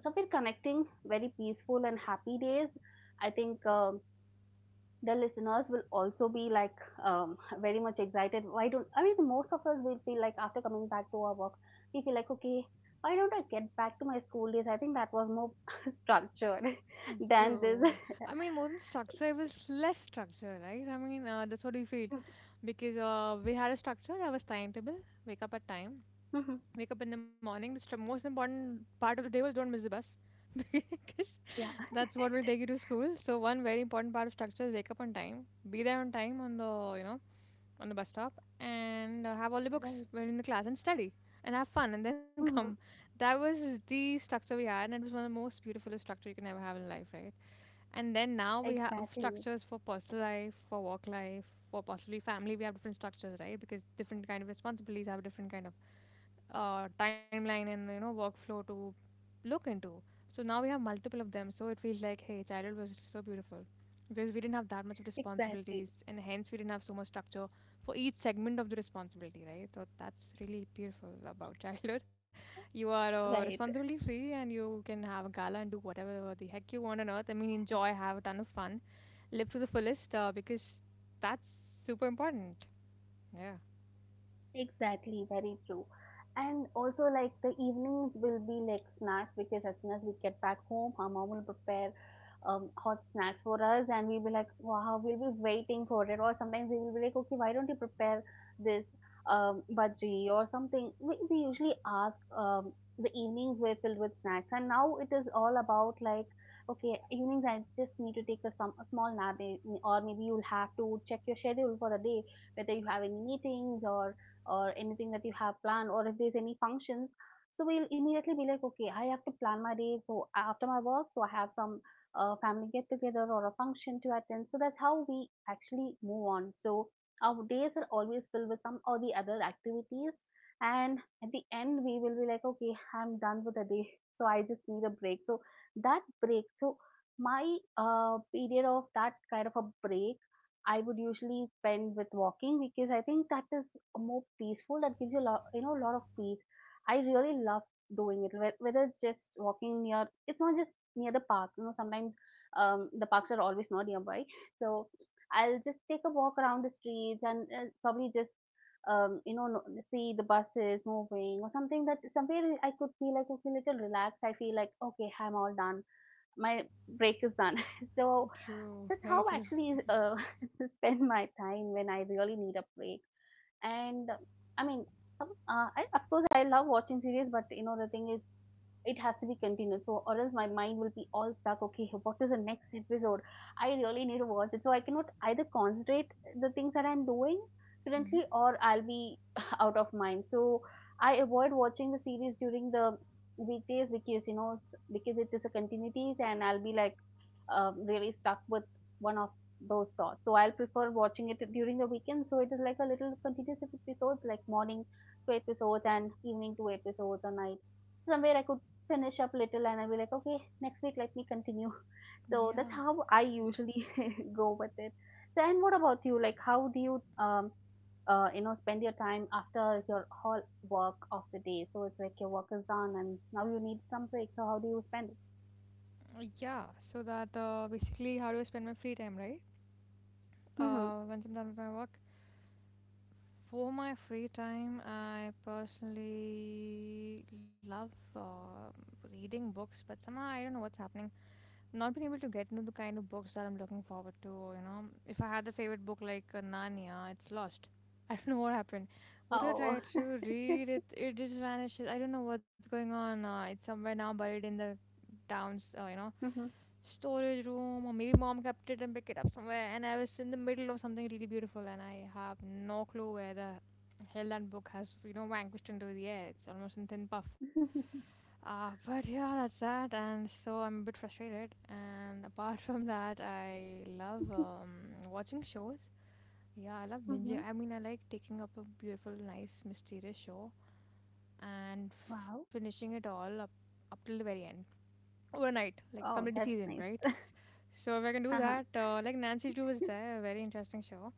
B: somewhere connecting, very peaceful and happy days. I think um, the listeners will also be like um, very much excited. Why don't, I mean most of us will feel like after coming back to our work, we feel like, okay, why don't I get back to my school days? I think that was more structured
A: Mm,
B: than this.
A: true. I mean, more than structure, it was less structure, right? I mean, uh, that's what we feel. Because uh, we had a structure that was timetable, wake up at time,
B: Mhm.
A: wake up in the morning. The stru- most important part of the day was don't miss the bus. Because
B: Yeah.
A: that's what will take you to school. So one very important part of structure is wake up on time, be there on time on the you know on the bus stop and uh, have all the books, we're
B: Right.
A: in the class and study and have fun and then come.
B: Mhm.
A: That was the structure we had, and it was one of the most beautiful structure you can ever have in life, right? And then now we have
B: Exactly.
A: structures for personal life, for work life, for possibly family. We have different structures, right? Because different kind of responsibilities have a different kind of uh, timeline and you know workflow to look into. So now we have multiple of them. So it feels like, hey, childhood was so beautiful because we didn't have that much of
B: Exactly.
A: responsibilities, and hence we didn't have so much structure for each segment of the responsibility, right? So that's really beautiful about childhood. You are uh,
B: Right.
A: responsibility free, and you can have a gala and do whatever the heck you want on earth. I mean, enjoy, have a ton of fun, live to the fullest, uh, because that's super important. Yeah.
B: Exactly, very true. And also, like the evenings will be like snacks, because as soon as we get back home, our mom will prepare um, hot snacks for us, and we'll be like, wow, we'll be waiting for it. Or sometimes we will be like, okay, why don't you prepare this um, bhaji or something? We, we usually ask, um, The evenings were filled with snacks, and now it is all about, like, okay, evenings I just need to take a, some, a small nap, eh, or maybe you'll have to check your schedule for the day, whether you have any meetings or or anything that you have planned, or if there's any functions. So we'll immediately be like, okay, I have to plan my day. So after my work, so I have some uh, family get together or a function to attend. So that's how we actually move on. So our days are always filled with some or the other activities. And at the end we will be like, okay, I'm done with the day. So I just need a break. So that break, so my uh, period of that kind of a break I would usually spend with walking, because I think that is more peaceful. That gives you a lot, you know, a lot of peace. I really love doing it. whe- Whether it's just walking near, it's not just near the park. You know, sometimes um, the parks are always not nearby. So I'll just take a walk around the streets and uh, probably just um, you know no- see the buses moving or something, that somewhere I could feel like, okay, little relaxed. I feel like, okay, I'm all done. My break is done. So
A: True.
B: that's
A: Very
B: how
A: true.
B: actually uh, spend my time when I really need a break. And uh, I mean, some- uh, I, of course, I love watching series, but you know, the thing is, it has to be continuous, so or else my mind will be all stuck, okay, what is the next episode, I really need to watch it, so I cannot either concentrate the things that I'm doing
A: Hmm.
B: currently, or I'll be out of mind. So I avoid watching the series during the weekdays, because you know s- because it is a continuity, and I'll be like um, really stuck with one of those thoughts. So I'll prefer watching it during the weekend, so it is like a little continuous episodes, like morning two episodes and evening two episodes or night. So somewhere I could finish up little and I'll be like, okay, next week let me continue. So that's
A: Yeah.
B: how I usually go with it. So, and what about you? Like, how do you um uh you know spend your time after your whole work of the day? So it's like your work is done and now you need some break. So how do you spend it?
A: Yeah. So that uh, basically, how do I spend my free time, right?
B: Mm-hmm.
A: uh, once I'm done with my work. For my free time, I personally love uh, reading books, but somehow I don't know what's happening not been able to get into the kind of books that I'm looking forward to. You know, if I had a favorite book like uh, Narnia, it's lost. I don't know what happened. Would I
B: Oh.
A: try to read it, it just vanishes. I don't know what's going on. Uh, it's somewhere now buried in the town's, uh, you know,
B: Mm-hmm.
A: storage room, or maybe mom kept it and picked it up somewhere. And I was in the middle of something really beautiful, and I have no clue where the hell that book has, you know, vanquished into the air. It's almost in thin puff. Uh, but yeah, that's that. And so I'm a bit frustrated. And apart from that, I love um, watching shows. Yeah, I love binging.
B: Mm-hmm.
A: I mean, I like taking up a beautiful, nice, mysterious show and
B: Wow.
A: finishing it all up up till the very end overnight, like
B: Oh,
A: complete the
B: that's
A: season,
B: nice.
A: right? So if I can do
B: Uh-huh.
A: that, uh, like Nancy Drew is there, a very interesting show.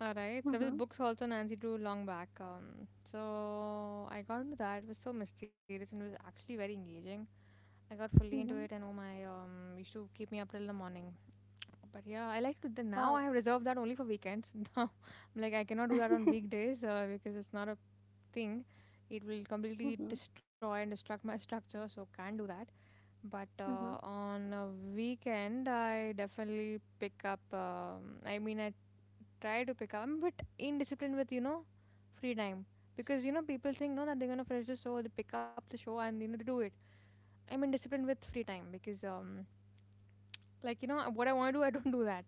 A: All right. There was
B: Mm-hmm.
A: books also Nancy Drew long back. Um, so I got into that. It was so mysterious and it was actually very engaging. I got fully into it
B: Mm-hmm.
A: and oh my, um, used to keep me up till the morning. But yeah, I like to. th- Now I
B: Wow.
A: have reserved that only for weekends. Now, I'm like I cannot do that on
B: Mm-hmm.
A: weekdays uh, because it's not a thing. It will completely destroy and destruct my structure. So can't do that. But
B: Mm-hmm.
A: uh, on a weekend, I definitely pick up. Um, I mean, I try to pick up. I'm a bit indisciplined with you know free time because you know people think no that they're gonna finish the show, they pick up the show and you know they do it. I'm indisciplined with free time because um like you know what I want to do I don't do that.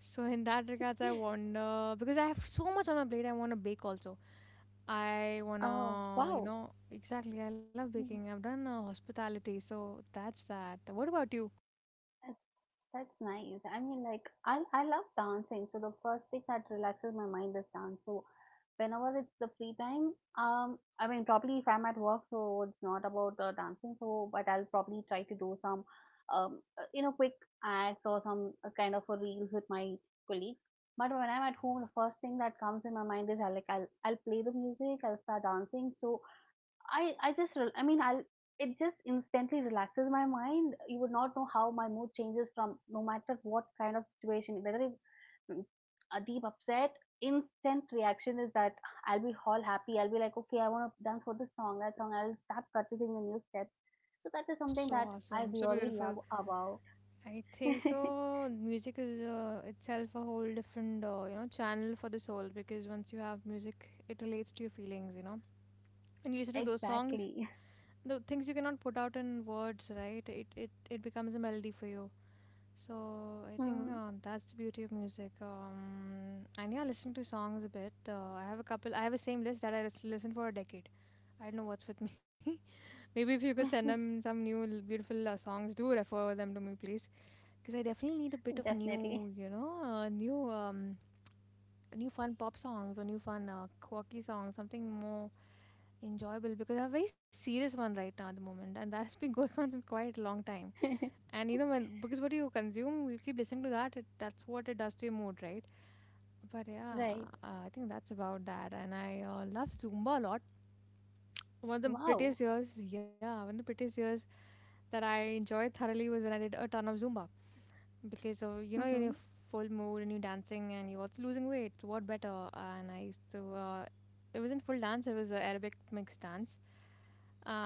A: So in that regards I wonder because I have so much on my plate. I want to bake also. I
B: Oh,
A: wanna you
B: wow.
A: know exactly. I love baking.
B: Mhm.
A: I've done uh, hospitality, so that's that. What about you?
B: That's nice. I mean, like, I, I love dancing. So the first thing that relaxes my mind is dance. So whenever it's the free time, um, I mean, probably if I'm at work, so it's not about uh, dancing. So, but I'll probably try to do some, um, uh, you know, quick acts or some uh, kind of a reels with my colleagues. But when I'm
A: Hmm?
B: at home, the first thing that comes in my mind is, I like, I'll I'll play the music. I'll start dancing. So I I just rel- I mean I'll it just instantly relaxes my mind. You would not know how my mood changes, from no matter what kind of situation, whether it's mm, a deep upset, instant reaction is that I'll be all happy. I'll be like, okay, I want to dance for this song, that song. I'll start practicing the new steps. So that is something
A: So
B: that I
A: awesome, so
B: really love
A: beautiful.
B: about.
A: I think so. Music is uh, itself a whole different, uh, you know, channel for the soul because once you have music, it relates to your feelings, you know. And you listen to those songs,
B: Exactly.
A: the things you cannot put out in words, right? It it it becomes a melody for you. So I think
B: Hmm.
A: uh, that's the beauty of music. Um, and yeah, listening to songs a bit. Uh, I have a couple. I have a same list that I lis- listen for a decade. I don't know what's with me. Maybe if you could send them some new l- beautiful uh, songs, do refer them to me, please because I definitely need a bit of
B: Definitely.
A: new, you know, uh, new, um, new fun pop songs or new fun uh, quirky songs, something more enjoyable. Because I have a very serious one right now at the moment, and that's been going on since quite a long time. And you know, when because what you consume, you keep listening to that. It, that's what it does to your mood, right? But yeah,
B: Right.
A: uh, I think that's about that. And I uh, love Zumba a lot. One of the
B: Wow.
A: prettiest years, yeah, one of the prettiest years that I enjoyed thoroughly was when I did a ton of Zumba. Because uh, you know you're in
B: Hmm.
A: your full mood and you're dancing and you're also losing weight. So what better? And I used to. Uh, it wasn't full dance. It was uh, Arabic mixed dance.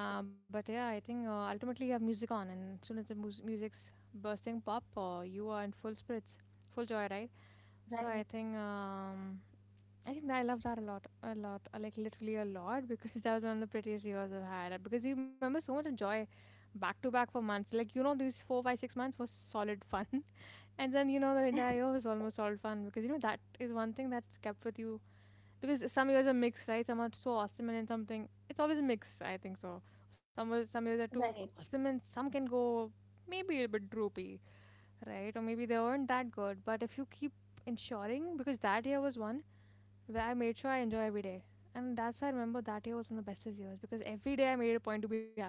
A: Uh, but yeah, I think uh, ultimately you have music on, and as soon as the mus- music's bursting pop, uh, you are in full spirits, full joyride. So I
B: Right.
A: think um, I think that I love that a lot, a lot, uh, like literally a lot, because that was one of the prettiest years I've had. uh, Because you remember so much of joy, back to back for months. Like you know, these four, five, six months was solid fun, and then you know the entire year was almost solid fun because you know that is one thing that's kept with you. Because some years are mixed, right? Some are so awesome and then something. It's always a mix, I think so. Some was- some years are too
B: Right.
A: awesome and some can go maybe a little bit droopy right? Or maybe they weren't that good. But if you keep ensuring, because that year was one where I made sure I enjoy every day. And that's why I remember that year was one of the bestest years because every day I made it a point to be happy.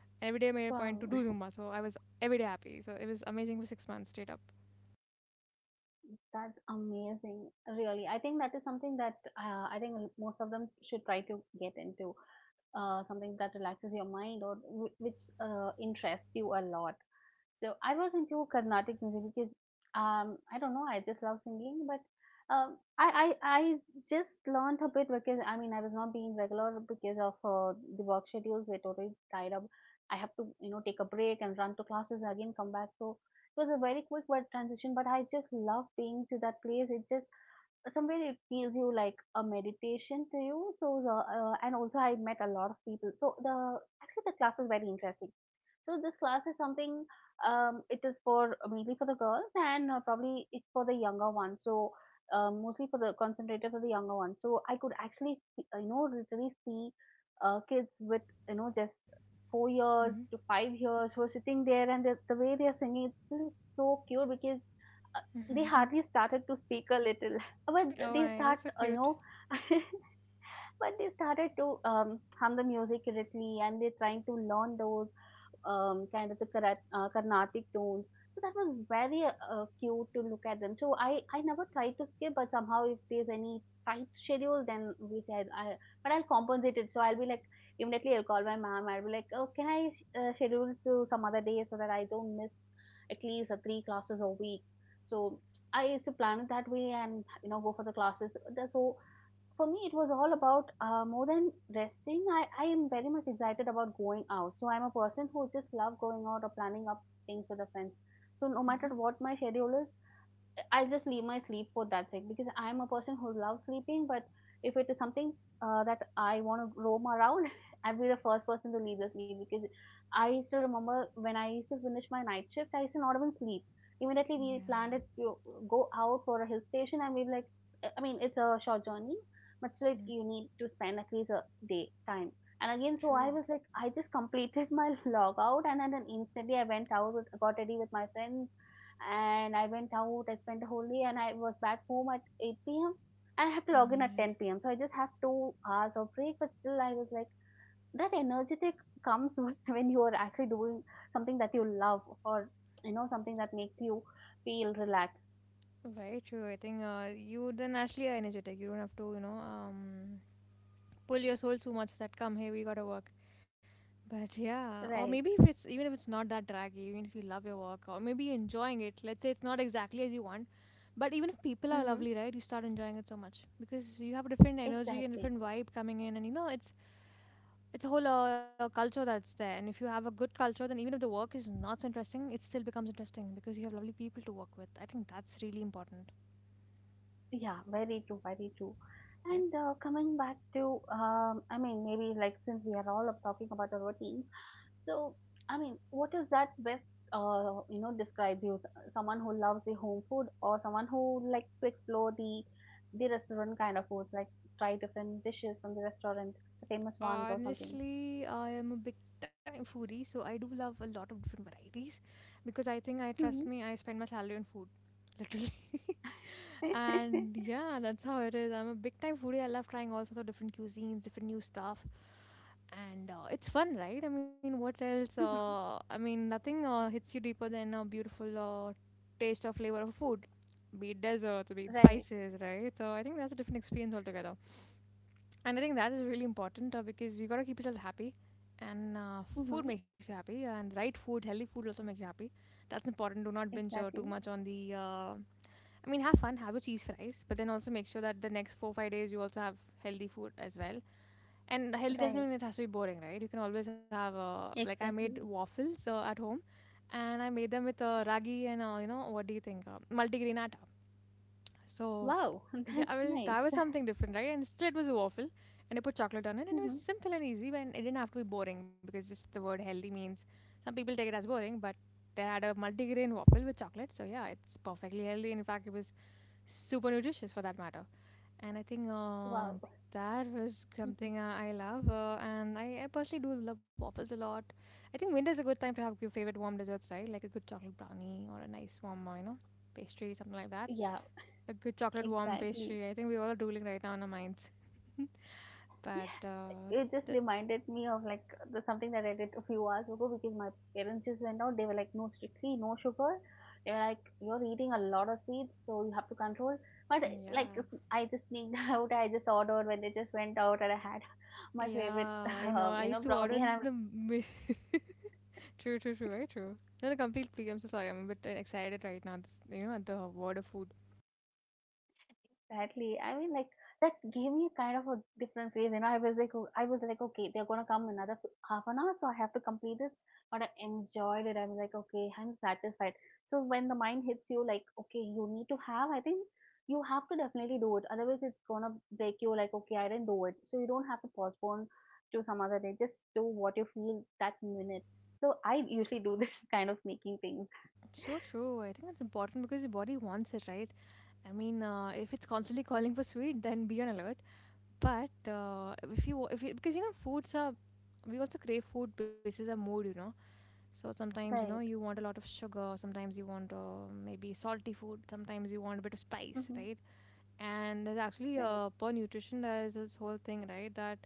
A: And every day I made it a point to do
B: Wow.
A: Zumba. So I was every day happy. So it was amazing for six months straight up.
B: That's amazing. Really, I think that is something that uh, I think most of them should try to get into. Uh, something that relaxes your mind or w- which uh, interests you a lot. So I was into Carnatic music because um, I don't know, I just love singing, but um, I, I I just learned a bit, because I mean I was not being regular because of uh, the work schedules were totally tied up. I have to, you know, take a break and run to classes and again come back. So it was a very quick word transition, but I just love being to that place. It just somewhere it feels you like a meditation to you. So the uh, and also I met a lot of people. So the actually the class is very interesting. So this class is something um, it is for mainly for the girls, and uh, probably it's for the younger ones. So um, mostly for the concentrated for the younger ones. So I could actually see- you know literally see uh, kids with, you know, just four
A: Hmm.
B: years to five years, who are sitting there, and the, the way they are singing, it's really so cute, because uh, they hardly started to speak a little, but
A: Oh,
B: they
A: my,
B: start
A: that's so
B: uh, you
A: cute.
B: know but they started to um, hum the music correctly, and they're trying to learn those um, kind of the Karat, uh, carnatic tones. So that was very uh, cute to look at them. So i i never tried to skip, but somehow if there's any tight schedule, then we said I, but I'll compensate it. So I'll be like, immediately I'll call my mom, I'll be like, oh, can I uh, schedule to some other day, so that I don't miss at least uh, three classes a week. So I used to plan it that way and, you know, go for the classes. So for me, it was all about uh, more than resting. I, I am very much excited about going out. So I'm a person who just love going out or planning up things with the friends. So no matter
A: Hmm.
B: what my schedule is, I just leave my sleep for that thing, because I'm a person who loves sleeping. But if it is something uh, that I want to roam around, I'll be the first person to leave the sleep, because I still remember, when I used to finish my night shift, I used to not even sleep. Immediately
A: Yeah.
B: we planned it to go out for a hill station, and we were like, I mean, it's a short journey, but still
A: Mm.
B: you need to spend at least a day time. And again, so I
A: True.
B: was like, I just completed my log out, and then then instantly I went out, with, got ready with my friends, and I went out. I spent the whole day, and I was back home at eight p m and I have to log in at
A: Mm.
B: ten p m. So I just have two hours of break, but still I was like that energetic comes when you are actually doing something that you love, or you know something that makes you feel relaxed.
A: Yeah, very true. I think uh, you then naturally are energetic. You don't have to, you know, um, pull your soul too much that come, hey, we gotta work. But yeah, or maybe
B: Right.
A: if it's even if it's not that draggy, even if you love your work, or maybe you're enjoying it, let's say it's not exactly as you want, but even if people are
B: Mm-hmm.
A: lovely, right, you start enjoying it so much because you have a different energy and
B: Exactly.
A: different vibe coming in, and you know it's it's a whole uh, culture that's there. And if you have a good culture, then even if the work is not so interesting, it still becomes interesting because you have lovely people to work with. I think that's really important.
B: Yeah. Very true. Very true. And uh, coming back to, um, I mean, maybe like, since we are all up talking about the routine, so, I mean, what is that best, uh, you know, describes you? S- Someone who loves the home food, or someone who likes to explore the the restaurant kind of foods, like try different dishes from the restaurant, the famous ones or something.
A: Honestly, I am a big time foodie, so I do love a lot of different varieties because I think I trust
B: Hmm.
A: me, I spend my salary on food, literally. And yeah, that's how it is. I'm a big time foodie. I love trying all sorts of different cuisines, different new stuff, and uh, it's fun, right? I mean, what else?
B: Hmm.
A: Uh, I mean, nothing uh, hits you deeper than a beautiful uh, taste or flavor of food, be it desserts, be it
B: Right.
A: spices, right? So I think that's a different experience altogether. And I think that is really important uh, because you gotta keep yourself happy, and uh,
B: Hmm.
A: food makes you happy, and right food, healthy food also makes you happy. That's important. Do not binge uh, too
B: Exactly.
A: much on the. Uh, I mean, have fun, have your cheese fries, but then also make sure that the next four five days you also have healthy food as well. And healthy doesn't
B: Right.
A: mean it has to be boring, right? You can always have uh, like I made
B: Exactly.
A: waffles uh, at home, and I made them with uh, ragi and uh, you know what do you think, uh, multigrain atta. So
B: Wow,
A: yeah, I
B: that's
A: mean
B: nice.
A: that was something different, right? And still, it was a waffle, and I put chocolate on it, and it was
B: Hmm.
A: simple and easy, but it didn't have to be boring because just the word healthy means some people take it as boring, but they had a multigrain waffle with chocolate, so yeah, it's perfectly healthy. In fact, it was super nutritious for that matter, and I think uh,
B: Wow.
A: that was
B: Mhm.
A: something uh, I love, uh, and I, I personally do love waffles a lot. I think winter's a good time to have your favorite warm desserts, right? Like a good chocolate brownie or a nice warm, uh, you know, pastry, something like that.
B: Yeah,
A: A good chocolate warm
B: exactly.
A: pastry. I think we all are drooling right now in our minds. But uh,
B: It just
A: the,
B: reminded me of like the something that I did a few hours ago, because my parents just went out. They were like, no, strictly no sugar. They were like, you're eating a lot of sweets, so you have to control. But, like,
A: yeah,
B: I just sneaked out. I just ordered when they just went out, and I had my
A: yeah,
B: favorite,
A: I know.
B: uh,
A: I
B: you
A: used
B: know,
A: to order
B: brownie,
A: in
B: and
A: the
B: I'm
A: mid. True, true, true, very true. No, no, complete plea. I'm so sorry. I'm a bit uh, excited right now. This, you know, at the word of food.
B: Exactly. I mean, like, that gave me kind of a different phase. You know, I was like, o- I was like, okay, they're gonna come another f- half an hour, so I have to complete this. But I enjoyed it. I'm like, okay, I'm satisfied. So when the mind hits you, like, okay, you need to have. I think you have to definitely do it. Otherwise, it's gonna break you. Like, okay, I didn't do it. So you don't have to postpone to some other day. Just do what you feel that minute. So I usually do this kind of sneaking things.
A: So true. I think that's important because your body wants it, right? I mean, uh, if it's constantly calling for sweet, then be on alert. But uh, if you, if you, because you know, foods are, we also crave food basis our mood, you know. So sometimes you know
B: Right.
A: you want a lot of sugar, sometimes you want uh, maybe salty food, sometimes you want a bit of spice,
B: Mm-hmm.
A: right? And there's actually
B: Right.
A: uh, per nutrition there is this whole thing, right? That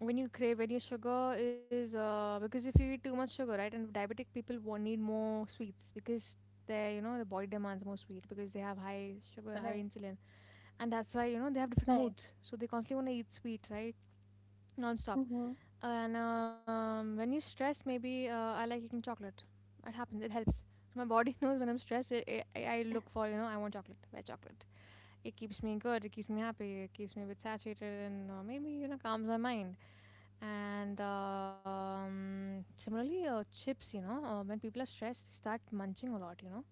A: when you crave when your sugar is uh, because if you eat too much sugar, right? And diabetic people wa- need more sweets because they, you know the body demands more sweet because they have high sugar, high
B: Right.
A: insulin, and that's why you know they have different
B: Right.
A: moods. So they constantly want to eat sweet, right? Non-stop.
B: Mm-hmm.
A: And um, when you stress maybe uh, I like eating chocolate. It happens, it helps. So my body knows when I'm stressed, it, it, I I look for you know I want chocolate, buy chocolate. It keeps me good, it keeps me happy, it keeps me a bit satiated, and uh, maybe you know calms my mind. And um, similarly, uh, chips, you know uh, when people are stressed they start munching a lot, you know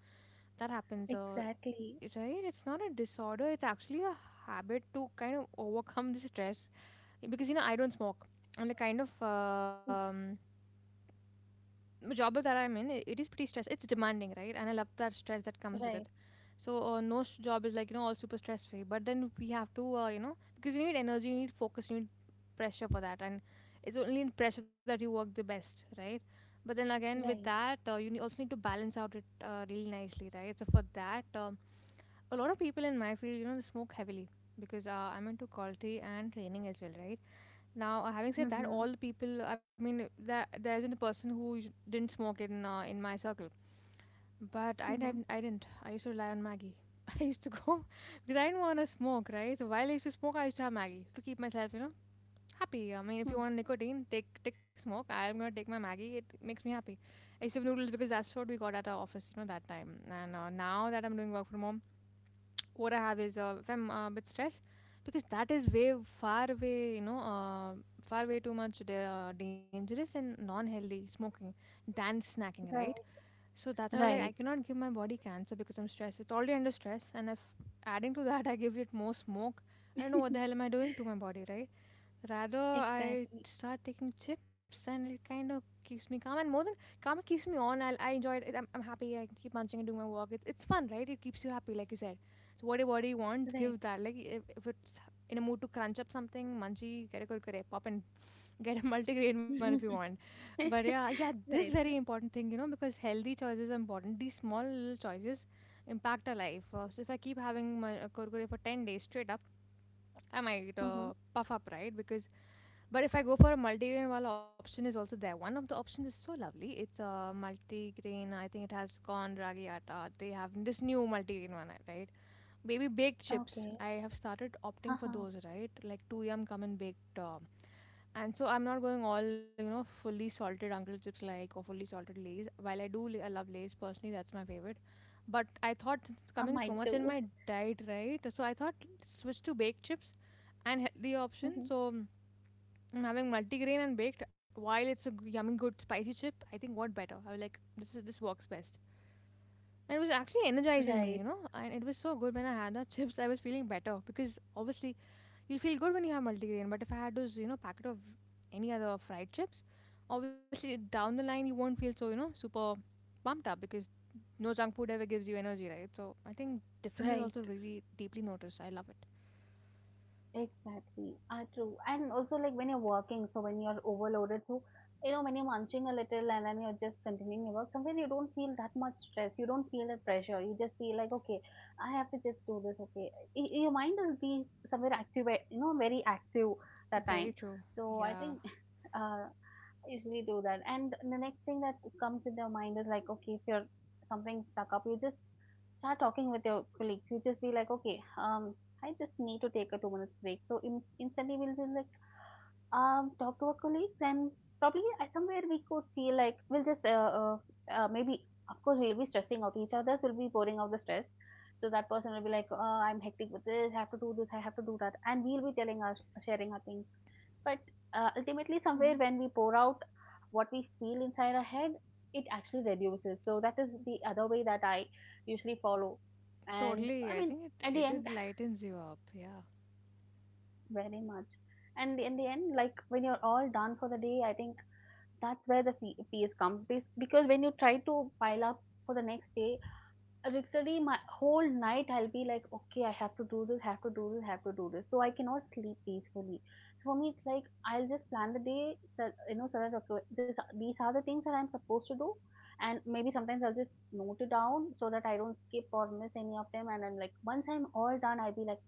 A: that happens uh,
B: Exactly.
A: it- right, it's not a disorder, it's actually a habit to kind of overcome the stress because you know I don't smoke, and the kind of
B: Mm,
A: um, job that I'm in, i- it is pretty stress. It's demanding, right? And I love that stress that comes with
B: right,
A: it. So uh, no s- job is like you know all super stress free. But then we have to uh, you know because you need energy, you need focus, you need pressure for that, and it's only in pressure that you work the best, right? But then again, with
B: right.
A: that, uh, you ne- also need to balance out it uh, really nicely, right? So for that, um, a lot of people in my field, you know, they smoke heavily because uh, I'm into quality and training as well, right? Now, uh, having said that,
B: Mm-hmm.
A: all the people, I mean, there, there isn't a person who us- didn't smoke in uh, in my circle. But I
B: Mm-hmm.
A: didn't. I didn't. I used to rely on Maggie. I used to go because I didn't want to smoke, right? So while I used to smoke, I used to have Maggie to keep myself, you know, happy. I mean, if you
B: Mm,
A: want nicotine, take take smoke. I'm gonna take my Maggie. It makes me happy. I used to have noodles because that's what we got at our office, you know, that time. And uh, now that I'm doing work from home, what I have is uh, if I'm uh, a bit stressed, because that is way far away, you know, uh, far way too much da- uh, dangerous and non-healthy smoking than snacking, right?
B: right,
A: So that's why I'm like I
B: right.
A: cannot give my body cancer because I'm stressed. It's already under stress, and if adding to that I give it more smoke, I don't know what the hell am I doing to my body, right? Rather, I
B: Exactly.
A: start taking chips, and it kind of keeps me calm. And more than calm, it keeps me on. I, I enjoy it. I'm, I'm happy. I keep munching and doing my work. It's, it's fun, right? It keeps you happy, like you said. So what do what do you want? Give
B: Right.
A: that. Like if, if it's in a mood to crunch up something, munchy, get a kurkure, pop and get a multigrain one if you want. But yeah, yeah, this
B: Right.
A: very important thing, you know, because healthy choices are important. These small little choices impact our life. Uh, so if I keep having my uh, kurkure for ten days straight up, I might
B: Mm-hmm.
A: uh, puff up, right? Because, but if I go for a multigrain, while option is also there. One of the options is so lovely. It's a multigrain. I think it has corn ragi atta. They have this new multigrain one, uh, right? Maybe baked chips.
B: Okay.
A: I have started opting for
B: Haha.
A: those, right? Like two yum come in baked. Uh, and so I'm not going all, you know, fully salted Uncle Chips like or fully salted Lays. While I do li- I love Lays personally, that's my favorite. But I thought since it's
B: Uh,
A: coming so
B: mine
A: much in
B: too.
A: my diet, right? So I thought switch to baked chips and healthy option.
B: Mm-hmm.
A: So mm, I'm having multigrain and baked. While it's a g- yummy, good spicy chip, I think what better? I was like, this is this works best. And it was actually energizing me, you
B: Right,
A: know. And it was so good when I had the chips. I was feeling better because obviously you feel good when you have multigrain. But if I had those, you know, packet of any other fried chips, obviously down the line you won't feel so, you know, super pumped up because no junk food ever gives you energy, right? So I think difference is
B: right.
A: also really deeply noticed. I love it.
B: Exactly. Ah, true. And also, like, when you're working, so when you're overloaded, so you know, when you're munching a little and then you're just continuing your work, sometimes you don't feel that much stress. You don't feel that pressure. You just feel like, okay, I have to just do this. Okay, Y- your mind will be somewhere active, eh, you know, very active
A: Eh,
B: that
A: Very
B: time.
A: true.
B: So I
A: Yeah.
B: think, uh, I usually do that. And the next thing that comes in their mind is like, okay, if you're something stuck up, you just start talking with your colleagues. You just be like, okay, um, I just need to take a two minutes break. So in, instantly we'll be like, um, talk to our colleagues and probably at somewhere we could feel like we'll just uh, uh, uh, maybe, of course, we'll be stressing out each other's, we'll be pouring out the stress. So that person will be like, uh, I'm hectic with this, I have to do this, I have to do that, and we'll be telling us, sharing our things. But uh, ultimately somewhere
A: Mhm.
B: when we pour out what we feel inside our head, it actually reduces. So that is the other way that I usually follow. And I
A: Totally. I
B: mean,
A: think it
B: at the
A: it,
B: end,
A: it lightens you up. Yeah.
B: very much. And in the end, like when you're all done for the day, I think that's where the fe fears comes bas because when you try to pile up for the next day, literally my whole night I'll be like, okay, I have to do this, have to do this, have to do this. So I cannot sleep peacefully. So for me, it's like I'll just plan the day, so, you know, so that okay, this these are the things that I'm supposed to do, and maybe sometimes I'll just note it down so that I don't skip or miss any of them. And then, like, once I'm all done, I'll be like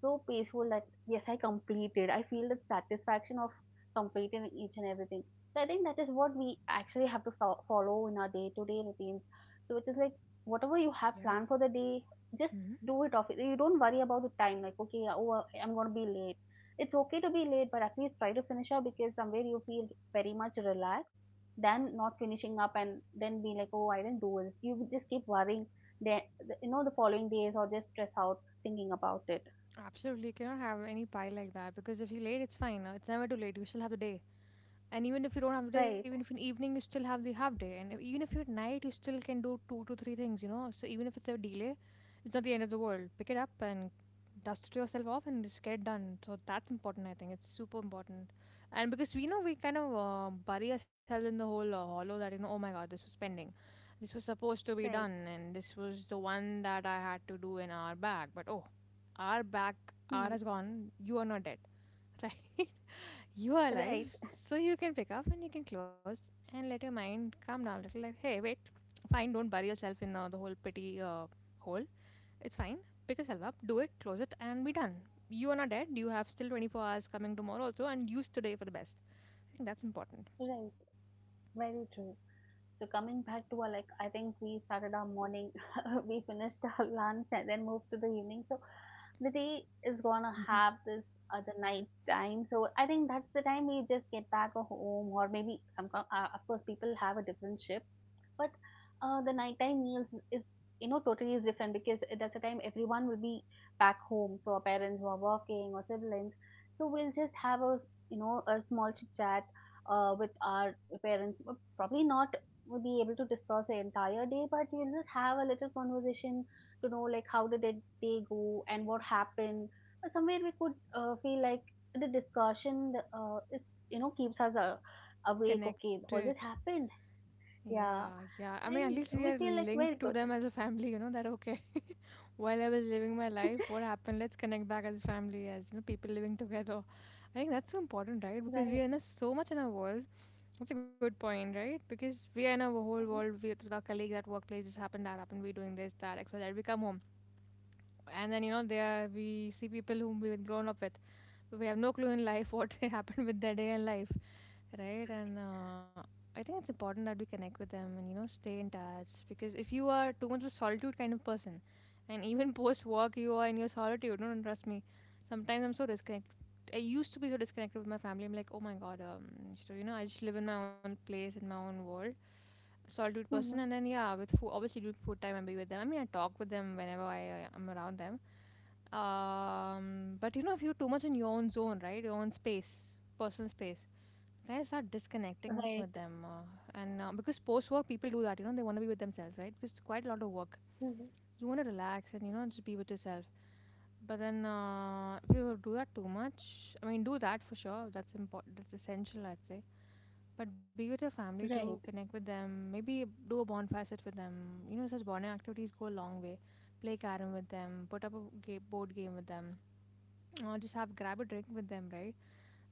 B: so peaceful that yes, I completed. I feel the satisfaction of completing each and everything. So I think that is what we actually have to fo- follow in our day-to-day routines. So it is like, whatever you have
A: Yeah.
B: planned for the day, just
A: hmm
B: do it off. You don't worry about the time, like, okay, yeah, oh, uh, I'm going to be late. It's okay to be late, but at least try to finish up because somewhere you feel very much relaxed than not finishing up and then be like, oh, I didn't do it. You just keep worrying, the, the- you know, the following days, or just stress out thinking about it.
A: Absolutely. You cannot have any pie like that because if you're late, it's fine. uh, It's never too late. You still have the day. And even if you don't have the day, even
B: Right,
A: if in evening you still have the half day, and if- even if you're at night, you still can do two to three things, you know. So even if it's a delay, it's not the end of the world. Pick it up and dust it yourself off and just get it done. So that's important, I think. It's super important. And because we know we kind of uh, bury ourselves in the whole uh, hollow that, you know, oh my god, this was pending. This was supposed to be done,
B: right.
A: and this was the one that I had to do an hour back. But oh, hour back, hour
B: Mhm.
A: has gone, you are not dead, right? You are alive,
B: Right.
A: so you can pick up and you can close and let your mind calm down a little. Like, hey, wait, fine, don't bury yourself in uh, the whole pity uh, hole. It's fine. Pick yourself up, do it, close it, and be done. You are not dead. You have still twenty-four hours coming tomorrow also, and use today for the best. I think that's important.
B: Right. Very true. So coming back to our, like, I think we started our morning, we finished our lunch and then moved to the evening. So the day is gonna
A: Mhm.
B: have this other night time. So I think that's the time we just get back home, or maybe some. Uh, of course, people have a different shift, but uh, the nighttime meals is you know totally is different because that's the time everyone will be back home, so our parents who are working, or siblings, so we'll just have a you know a small chit chat uh, with our parents. But probably not will be able to discuss the entire day, but we'll just have a little conversation to know, like, how did it day go and what happened. But somewhere we could uh, feel like the discussion uh, it, you know keeps us uh, awake, okay,
A: Connected.
B: all this happened.
A: Yeah,
B: Yeah,
A: yeah. I mean, at
B: and
A: least we
B: we
A: are
B: feel like we're
A: linked to
B: good,
A: them as a family, you know, that okay. While I was living my life, what happened? Let's connect back as a family, as you know, people living together. I think that's so important, right? Because we
B: right?
A: are in a, so much in our world. That's a good point, right? Because we are in our whole world we, with our colleagues at workplace. This happened, that happened. We doing this, that, X, Y, Z. We come home, and then you know there we see people whom we've grown up with, we have no clue in life what happened with their day in life, right, and uh, I think it's important that we connect with them and you know stay in touch because if you are too much of a solitude kind of person and even post work you are in your solitude. No, no, trust me, sometimes I'm so disconnected. I used to be so disconnected with my family. I'm like, oh my god, um so you know I just live in my own place in my own world, solitude person. And
B: Mm-hmm.
A: then yeah, with food, obviously during food time I'll be with them. I mean, I talk with them whenever I uh, am around them. Um, but you know, if you're too much in your own zone, right, your own space, personal space, you kind of start disconnecting with
B: Right.
A: them. Uh, and uh, because post work, people do that, you know, they want to be with themselves, right? Because it's quite a lot of work.
B: Mm-hmm.
A: You want to relax and, you know, just be with yourself. But then, uh, if you do that too much, I mean, do that for sure. That's important. That's essential, I'd say. But be with your family too.
B: Right.
A: Connect with them. Maybe do a bonfire, sit with them. You know, such bonding activities go a long way. Play carom with them. Put up a ga- board game with them, or just have grab a drink with them, right?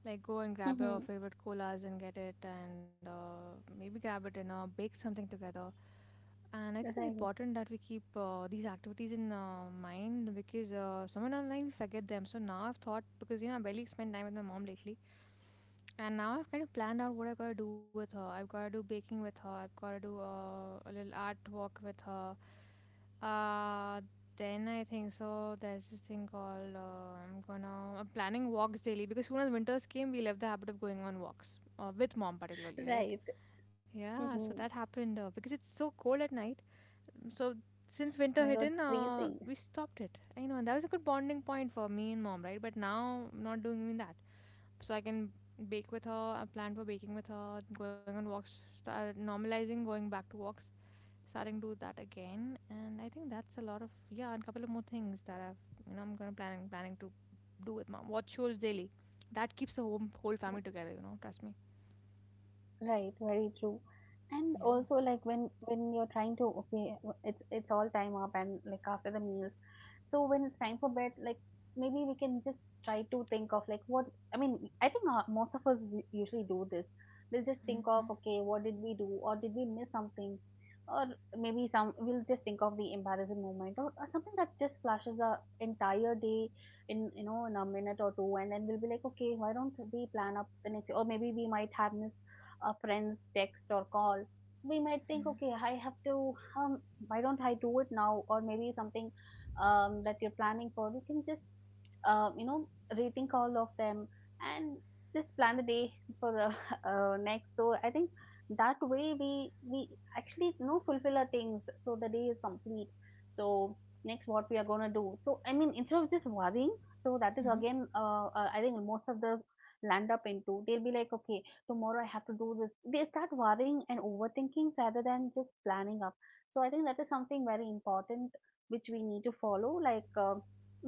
A: Like go and grab
B: Mm-hmm.
A: your
B: Right.
A: favorite colas and get it, and uh, maybe grab a dinner, bake something together. And I think it's important that we keep uh, these activities in uh, mind, because uh, somewhere down the line we forget them. So now I've thought, because you know I barely spend time with my mom lately, and now I've kind of planned out what I gotta do with her. I've gotta do baking with her. I've gotta do uh, a little art walk with her. Uh, then I think so. There's this thing called uh, I'm gonna I'm planning walks daily, because soon as winters came, we left the habit of going on walks uh, with mom particularly, right?
B: Right.
A: Yeah, so that
B: Mm-hmm.
A: happened uh, because it's so cold at night. So since winter
B: My
A: hit
B: God, it's
A: in, uh,
B: freezing.
A: we stopped it. I know, and that was a good bonding point for me and mom, right? But now I'm not doing even that. So I can bake with her. I plan for baking with her, going on walks, start normalizing going back to walks, starting to do that again, and I think that's a lot of. Yeah, and a couple of more things that I've, you know, I'm gonna planning planning to do with mom. Watch shows daily, that keeps the whole, whole family together, you know, trust me.
B: Right, very true. And
A: Yeah.
B: also, like, when when you're trying to, okay, w- it's it's all time up and like after the meals. So when it's time for bed, like maybe we can just try to think of like what. I mean, I think uh, most of us u- usually do this. We'll just
A: Mm-hmm.
B: think of, okay, what did we do or did we miss something? Or maybe some we'll just think of the embarrassing moment, or, or something that just flashes the entire day in you know in a minute or two, and then we'll be like, okay, why don't we plan up the next day? Or maybe we might have missed a friend's text or call. So we might think, okay,
A: Mm-hmm.
B: I have to, um, why don't I do it now? Or maybe something um, that you're planning for, you can just, uh, you know, rethink all of them and just plan the day for the uh, next. So I think that way we we actually you know fulfill our things, so the day is complete. So next, what we are gonna do? So I mean, instead of just worrying, so that is again, uh, uh, I think most of the land up into they'll be like, okay, tomorrow I have to do this. They start worrying and overthinking rather than just planning up. So I think that is something very important which we need to follow. Like, uh,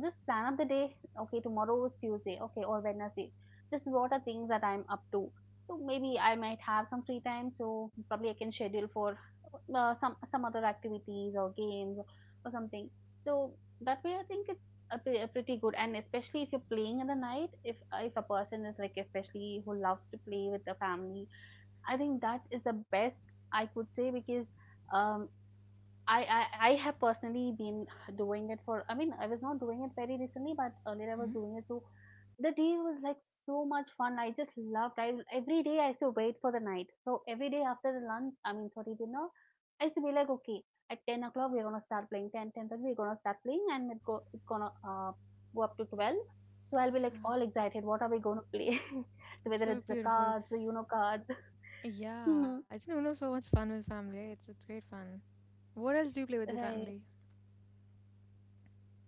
B: just plan up the day. Okay, tomorrow is Tuesday. Okay, or Wednesday. This is what are things that I'm up to. So maybe I might have some free time. So probably I can schedule for uh, some some other activities or games or something. So that way, I think it's a pre- a pretty good, and especially if you're playing in the night, if uh, if a person is, like, especially who loves to play with the family, I think that is the best I could say because um I, I I have personally been doing it for. I mean, I was not doing it very recently, but earlier I was
A: Mm-hmm.
B: doing it. So the day was like so much fun. I just loved. I Every day I used to wait for the night. So every day after the lunch, I mean, sorry, dinner, I used to be like, okay, at ten o'clock we're gonna start playing. ten, ten thirty we're gonna start playing, and it go it's gonna uh go up to twelve. So I'll be like all excited. What are we gonna play? So
A: It's
B: whether
A: so
B: it's the
A: beautiful.
B: cards, the Uno cards.
A: Yeah,
B: Mhm.
A: it's you know so much fun with family. It's it's great fun. What else do you play with the
B: Right?
A: family?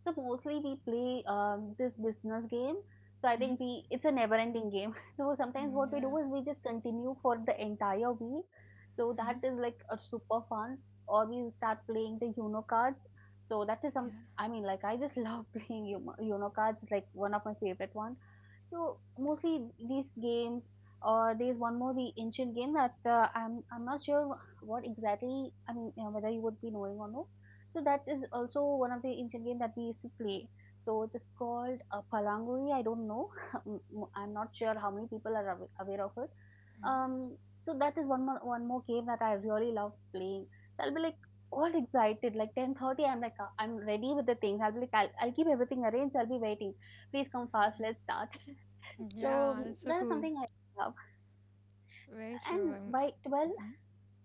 B: So mostly we play um, this business game. So I think we it's a never-ending game. So sometimes
A: Mm-hmm.
B: what we do
A: Yeah.
B: is we just continue for the entire week. So
A: Mm-hmm.
B: that is like a super fun. Or we start playing the Uno cards. So that is some.
A: Yeah.
B: I mean, like, I just love playing Uno Uno cards. It's like one of my favorite one. So mostly these games. Or there's one more, the ancient game that uh, I'm I'm not sure what exactly. I mean, uh, whether you would be knowing or no, so that is also one of the ancient game that we used to play. So it is called uh, Palanguri. I don't know. M- m- I'm not sure how many people are awa- aware of it. Um, so that is one more one more game that I really love playing. So I'll be like all excited, like ten thirty. I'm like, uh, I'm ready with the things. I'll be like I'll, I'll keep everything arranged. I'll be waiting. Please come fast. Let's start.
A: Mm-hmm. Yeah,
B: So
A: that's so
B: that is
A: cool.
B: something I love.
A: Very true.
B: And
A: I'm.
B: by twelve,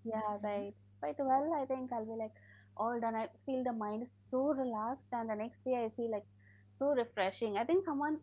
B: yeah,
A: Mm-hmm.
B: right. Quite well, I think I'll be like all done. I feel the mind is so relaxed, and the next day I feel like so refreshing. I think someone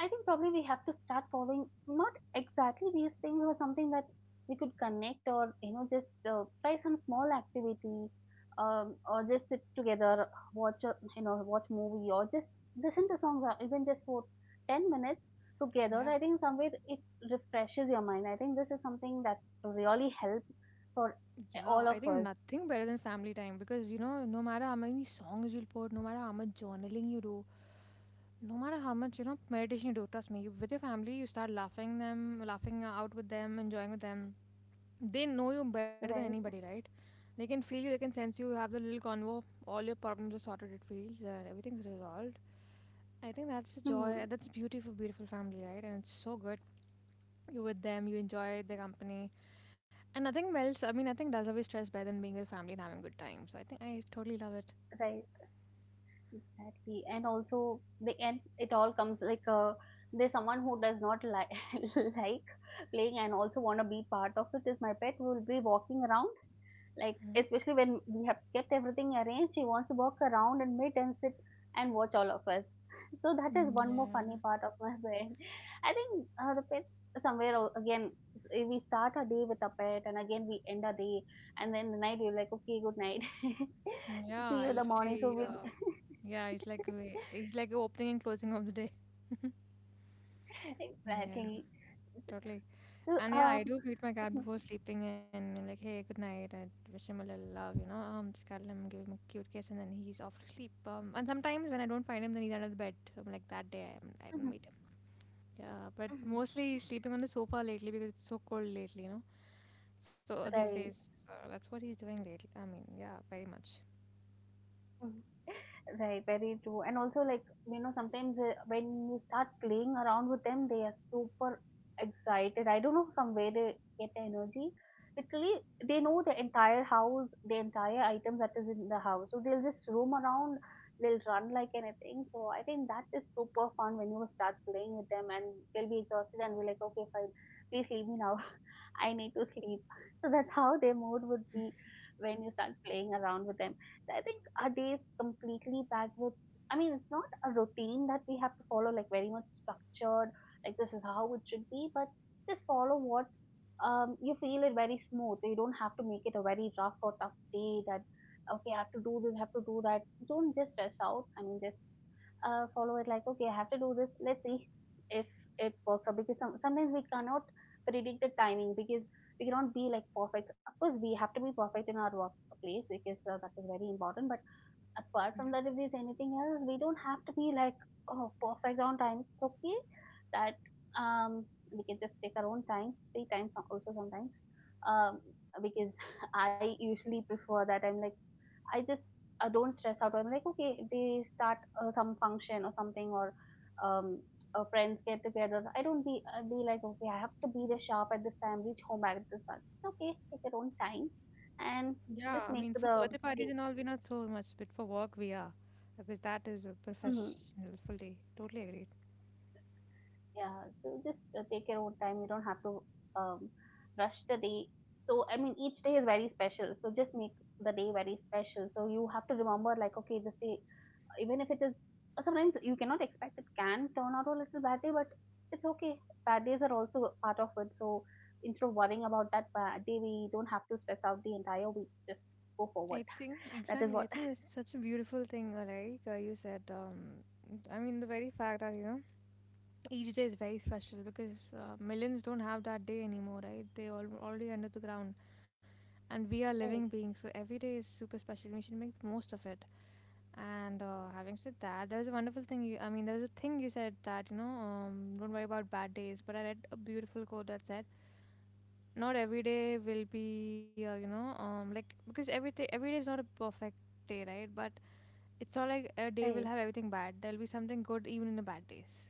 B: I think probably we have to start following not exactly these things, but something that we could connect, or you know, just uh, try some small activity, um, or just sit together, watch a, you know watch movie, or just listen to songs, or even just for ten minutes together.
A: Yeah.
B: I think somewhere it refreshes your mind. I think this is something that really helps for eh,
A: Yeah, I
B: all
A: think
B: of us.
A: nothing better than family time, because you know, no matter how many songs you'll put, no matter how much journaling you do, no matter how much you know meditation you do, trust me, you, with your family, you start laughing them, laughing out with them, enjoying with them. They know you better than anybody,
B: Right.
A: right? They can feel you, they can sense you. You have the little convo, all your problems are sorted. It feels and everything's resolved. I think that's the joy.
B: Hmm.
A: That's beautiful, beautiful family, right? And it's so good. You're with them, you enjoy their company and nothing melts. I mean, nothing does away stress better than being with family and having good time. So I think I totally love it.
B: Right. Exactly. And also the end it all comes like, uh, there's someone who does not like like playing and also want to be part of it, is my pet, who will be walking around, like
A: Hmm.
B: especially when we have kept everything arranged, she wants to walk around and meet and sit and watch all of us. So that is
A: Mm,
B: one more
A: yeah.
B: funny part of my pet. I think uh, the pets, somewhere al- again s- eh, we start our day with our pet and again we end our day, and then the night we're like, okay, good night.
A: Mm.
B: See
A: Yeah,
B: you
A: I
B: in the morning, so
A: literally.
B: we'll.
A: Uh, yeah, it's like we- it's like a opening and closing of the day. Yeah,
B: Exactly.
A: totally.
B: So,
A: And yeah, I
B: um,
A: do meet my cat
B: mhm,
A: before sleeping and like, hey, good night. I wish him a little love, you know. Um, just cuddle him, give him a cute kiss, and then he's off to sleep. Um, and sometimes when I don't find him, then he's under the bed. So I'm like, that day I, haven't- I didn't
B: mhm,
A: meet him. Yeah, but
B: mhm,
A: mostly he's sleeping on the sofa lately because it's so cold lately, you know. So uh, these days,
B: right.
A: uh, that's what he's doing lately. I mean, yeah, very much.
B: Mm-hmm. Right, very true. And also, like, you know, sometimes uh, when you start playing around with them, they are super excited. I don't know from where they get the energy. Literally, they know the entire house, the entire items that is in the house. So they'll just roam around, they'll run like anything. So I think that is super fun when you start playing with them, and they'll be exhausted and be like, okay, fine, please leave me now. I need to sleep. So that's how their mood would be when you start playing around with them. So I think our day is completely packed with. I mean, it's not a routine that we have to follow, like very much structured, like this is how it should be, but just follow what um, you feel it very smooth. You don't have to make it a very rough or tough day that, okay, I have to do this, I have to do that. Don't just stress out. I mean, just uh, follow it like, okay, I have to do this. Let's see if it works out, because some, sometimes we cannot predict the timing, because we cannot be like perfect. Of course we have to be perfect in our workplace, because uh, that is very important, but apart
A: Yeah.
B: from that, if there's anything else, we don't have to be like, oh, perfect on time. It's okay that um we can just take our own time, free time. So- also, sometimes, um because I usually prefer that, I'm like I just uh, don't stress out. I'm like, okay, they start uh, some function or something, or um, uh, friends get together. I don't be uh, be like, okay, I have to be there sharp at this time, reach home at this time. It's okay, take your own time, and
A: Yeah, I
B: just
A: mean,
B: make
A: for birthday
B: the
A: parties and
B: day.
A: all, we're not so much, but for work, we are. Because that is a
B: Hmm.
A: professional, fully, totally agreed.
B: Yeah, so just uh, take your own time. You don't have to um, rush the day. So I mean, each day is very special. So just make the day very special. So you have to remember, like, okay, this day, even if it is, sometimes you cannot expect, it can turn out a little bad day, but it's okay. Bad days are also part of it. So instead of worrying about that bad day, we don't have to stress out the entire week. Just go
A: I
B: forward.
A: think,
B: That is
A: exactly, I
B: what.
A: think that's such a beautiful thing, uh, like uh, you said. Um, I mean, the very fact that, you know, each day is very special, because uh, millions don't have that day anymore, right? They all already under the ground, and we are living
B: Right,
A: beings, so every day is super special. We should make the most of it. And uh, having said that, there was a wonderful thing. You, I mean, there was a thing you said that you know, um, don't worry about bad days. But I read a beautiful quote that said, "Not every day will be, uh, you know, um, like, because every day every day is not a perfect day, right? But it's not like a day will
B: right,
A: have everything bad. There'll be something good even in the bad days."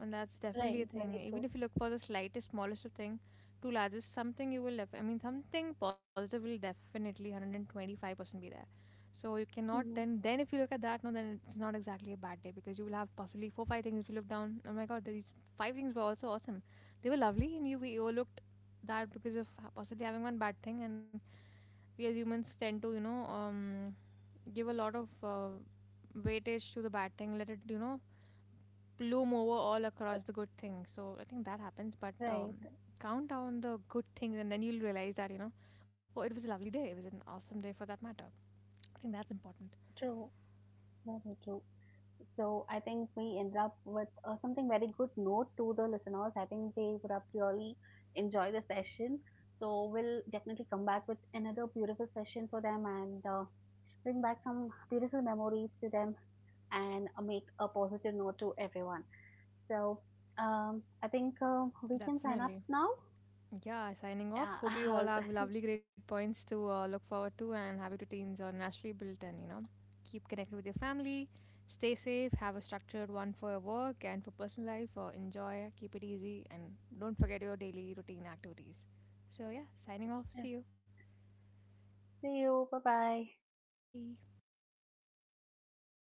A: And that's definitely a
B: right.
A: thing.
B: Very
A: Even
B: true.
A: if you look for the slightest, smallest of thing to largest, something you will, def- I mean, something positive will definitely one hundred twenty-five percent be there. So you cannot
B: Mhm.
A: then. Then if you look at that, no, then it's not exactly a bad day, because you will have possibly four, five things. If you look down, oh my God, these five things were also awesome. They were lovely and you, we overlooked that because of ha- possibly having one bad thing. And we as humans tend to, you know, um, give a lot of uh, weightage to the bad thing, let it, you know, bloom over all across the good thing. So I think that happens, but um,
B: Right,
A: count down the good things and then you'll realize that, you know, oh, it was a lovely day. It was an awesome day for that matter. I think that's important.
B: true. Very true. So I think we end up with uh, something very good note to the listeners. I think they would have really enjoyed the session. So we'll definitely come back with another beautiful session for them, and uh, bring back some beautiful memories to them, and uh, make a positive note to everyone. So, um, I think, um, we can sign up
A: Definitely.
B: now.
A: Yeah, signing off.
B: Yeah,
A: Hope you all have
B: I'll
A: lovely, great points to uh, look forward to, and happy routines are naturally built, and you know, keep connected with your family. Stay safe, have a structured one for your work and for personal life, or enjoy, keep it easy, and don't forget your daily routine activities. So, yeah, signing off. See you.
B: see you. Bye bye.
A: Bye.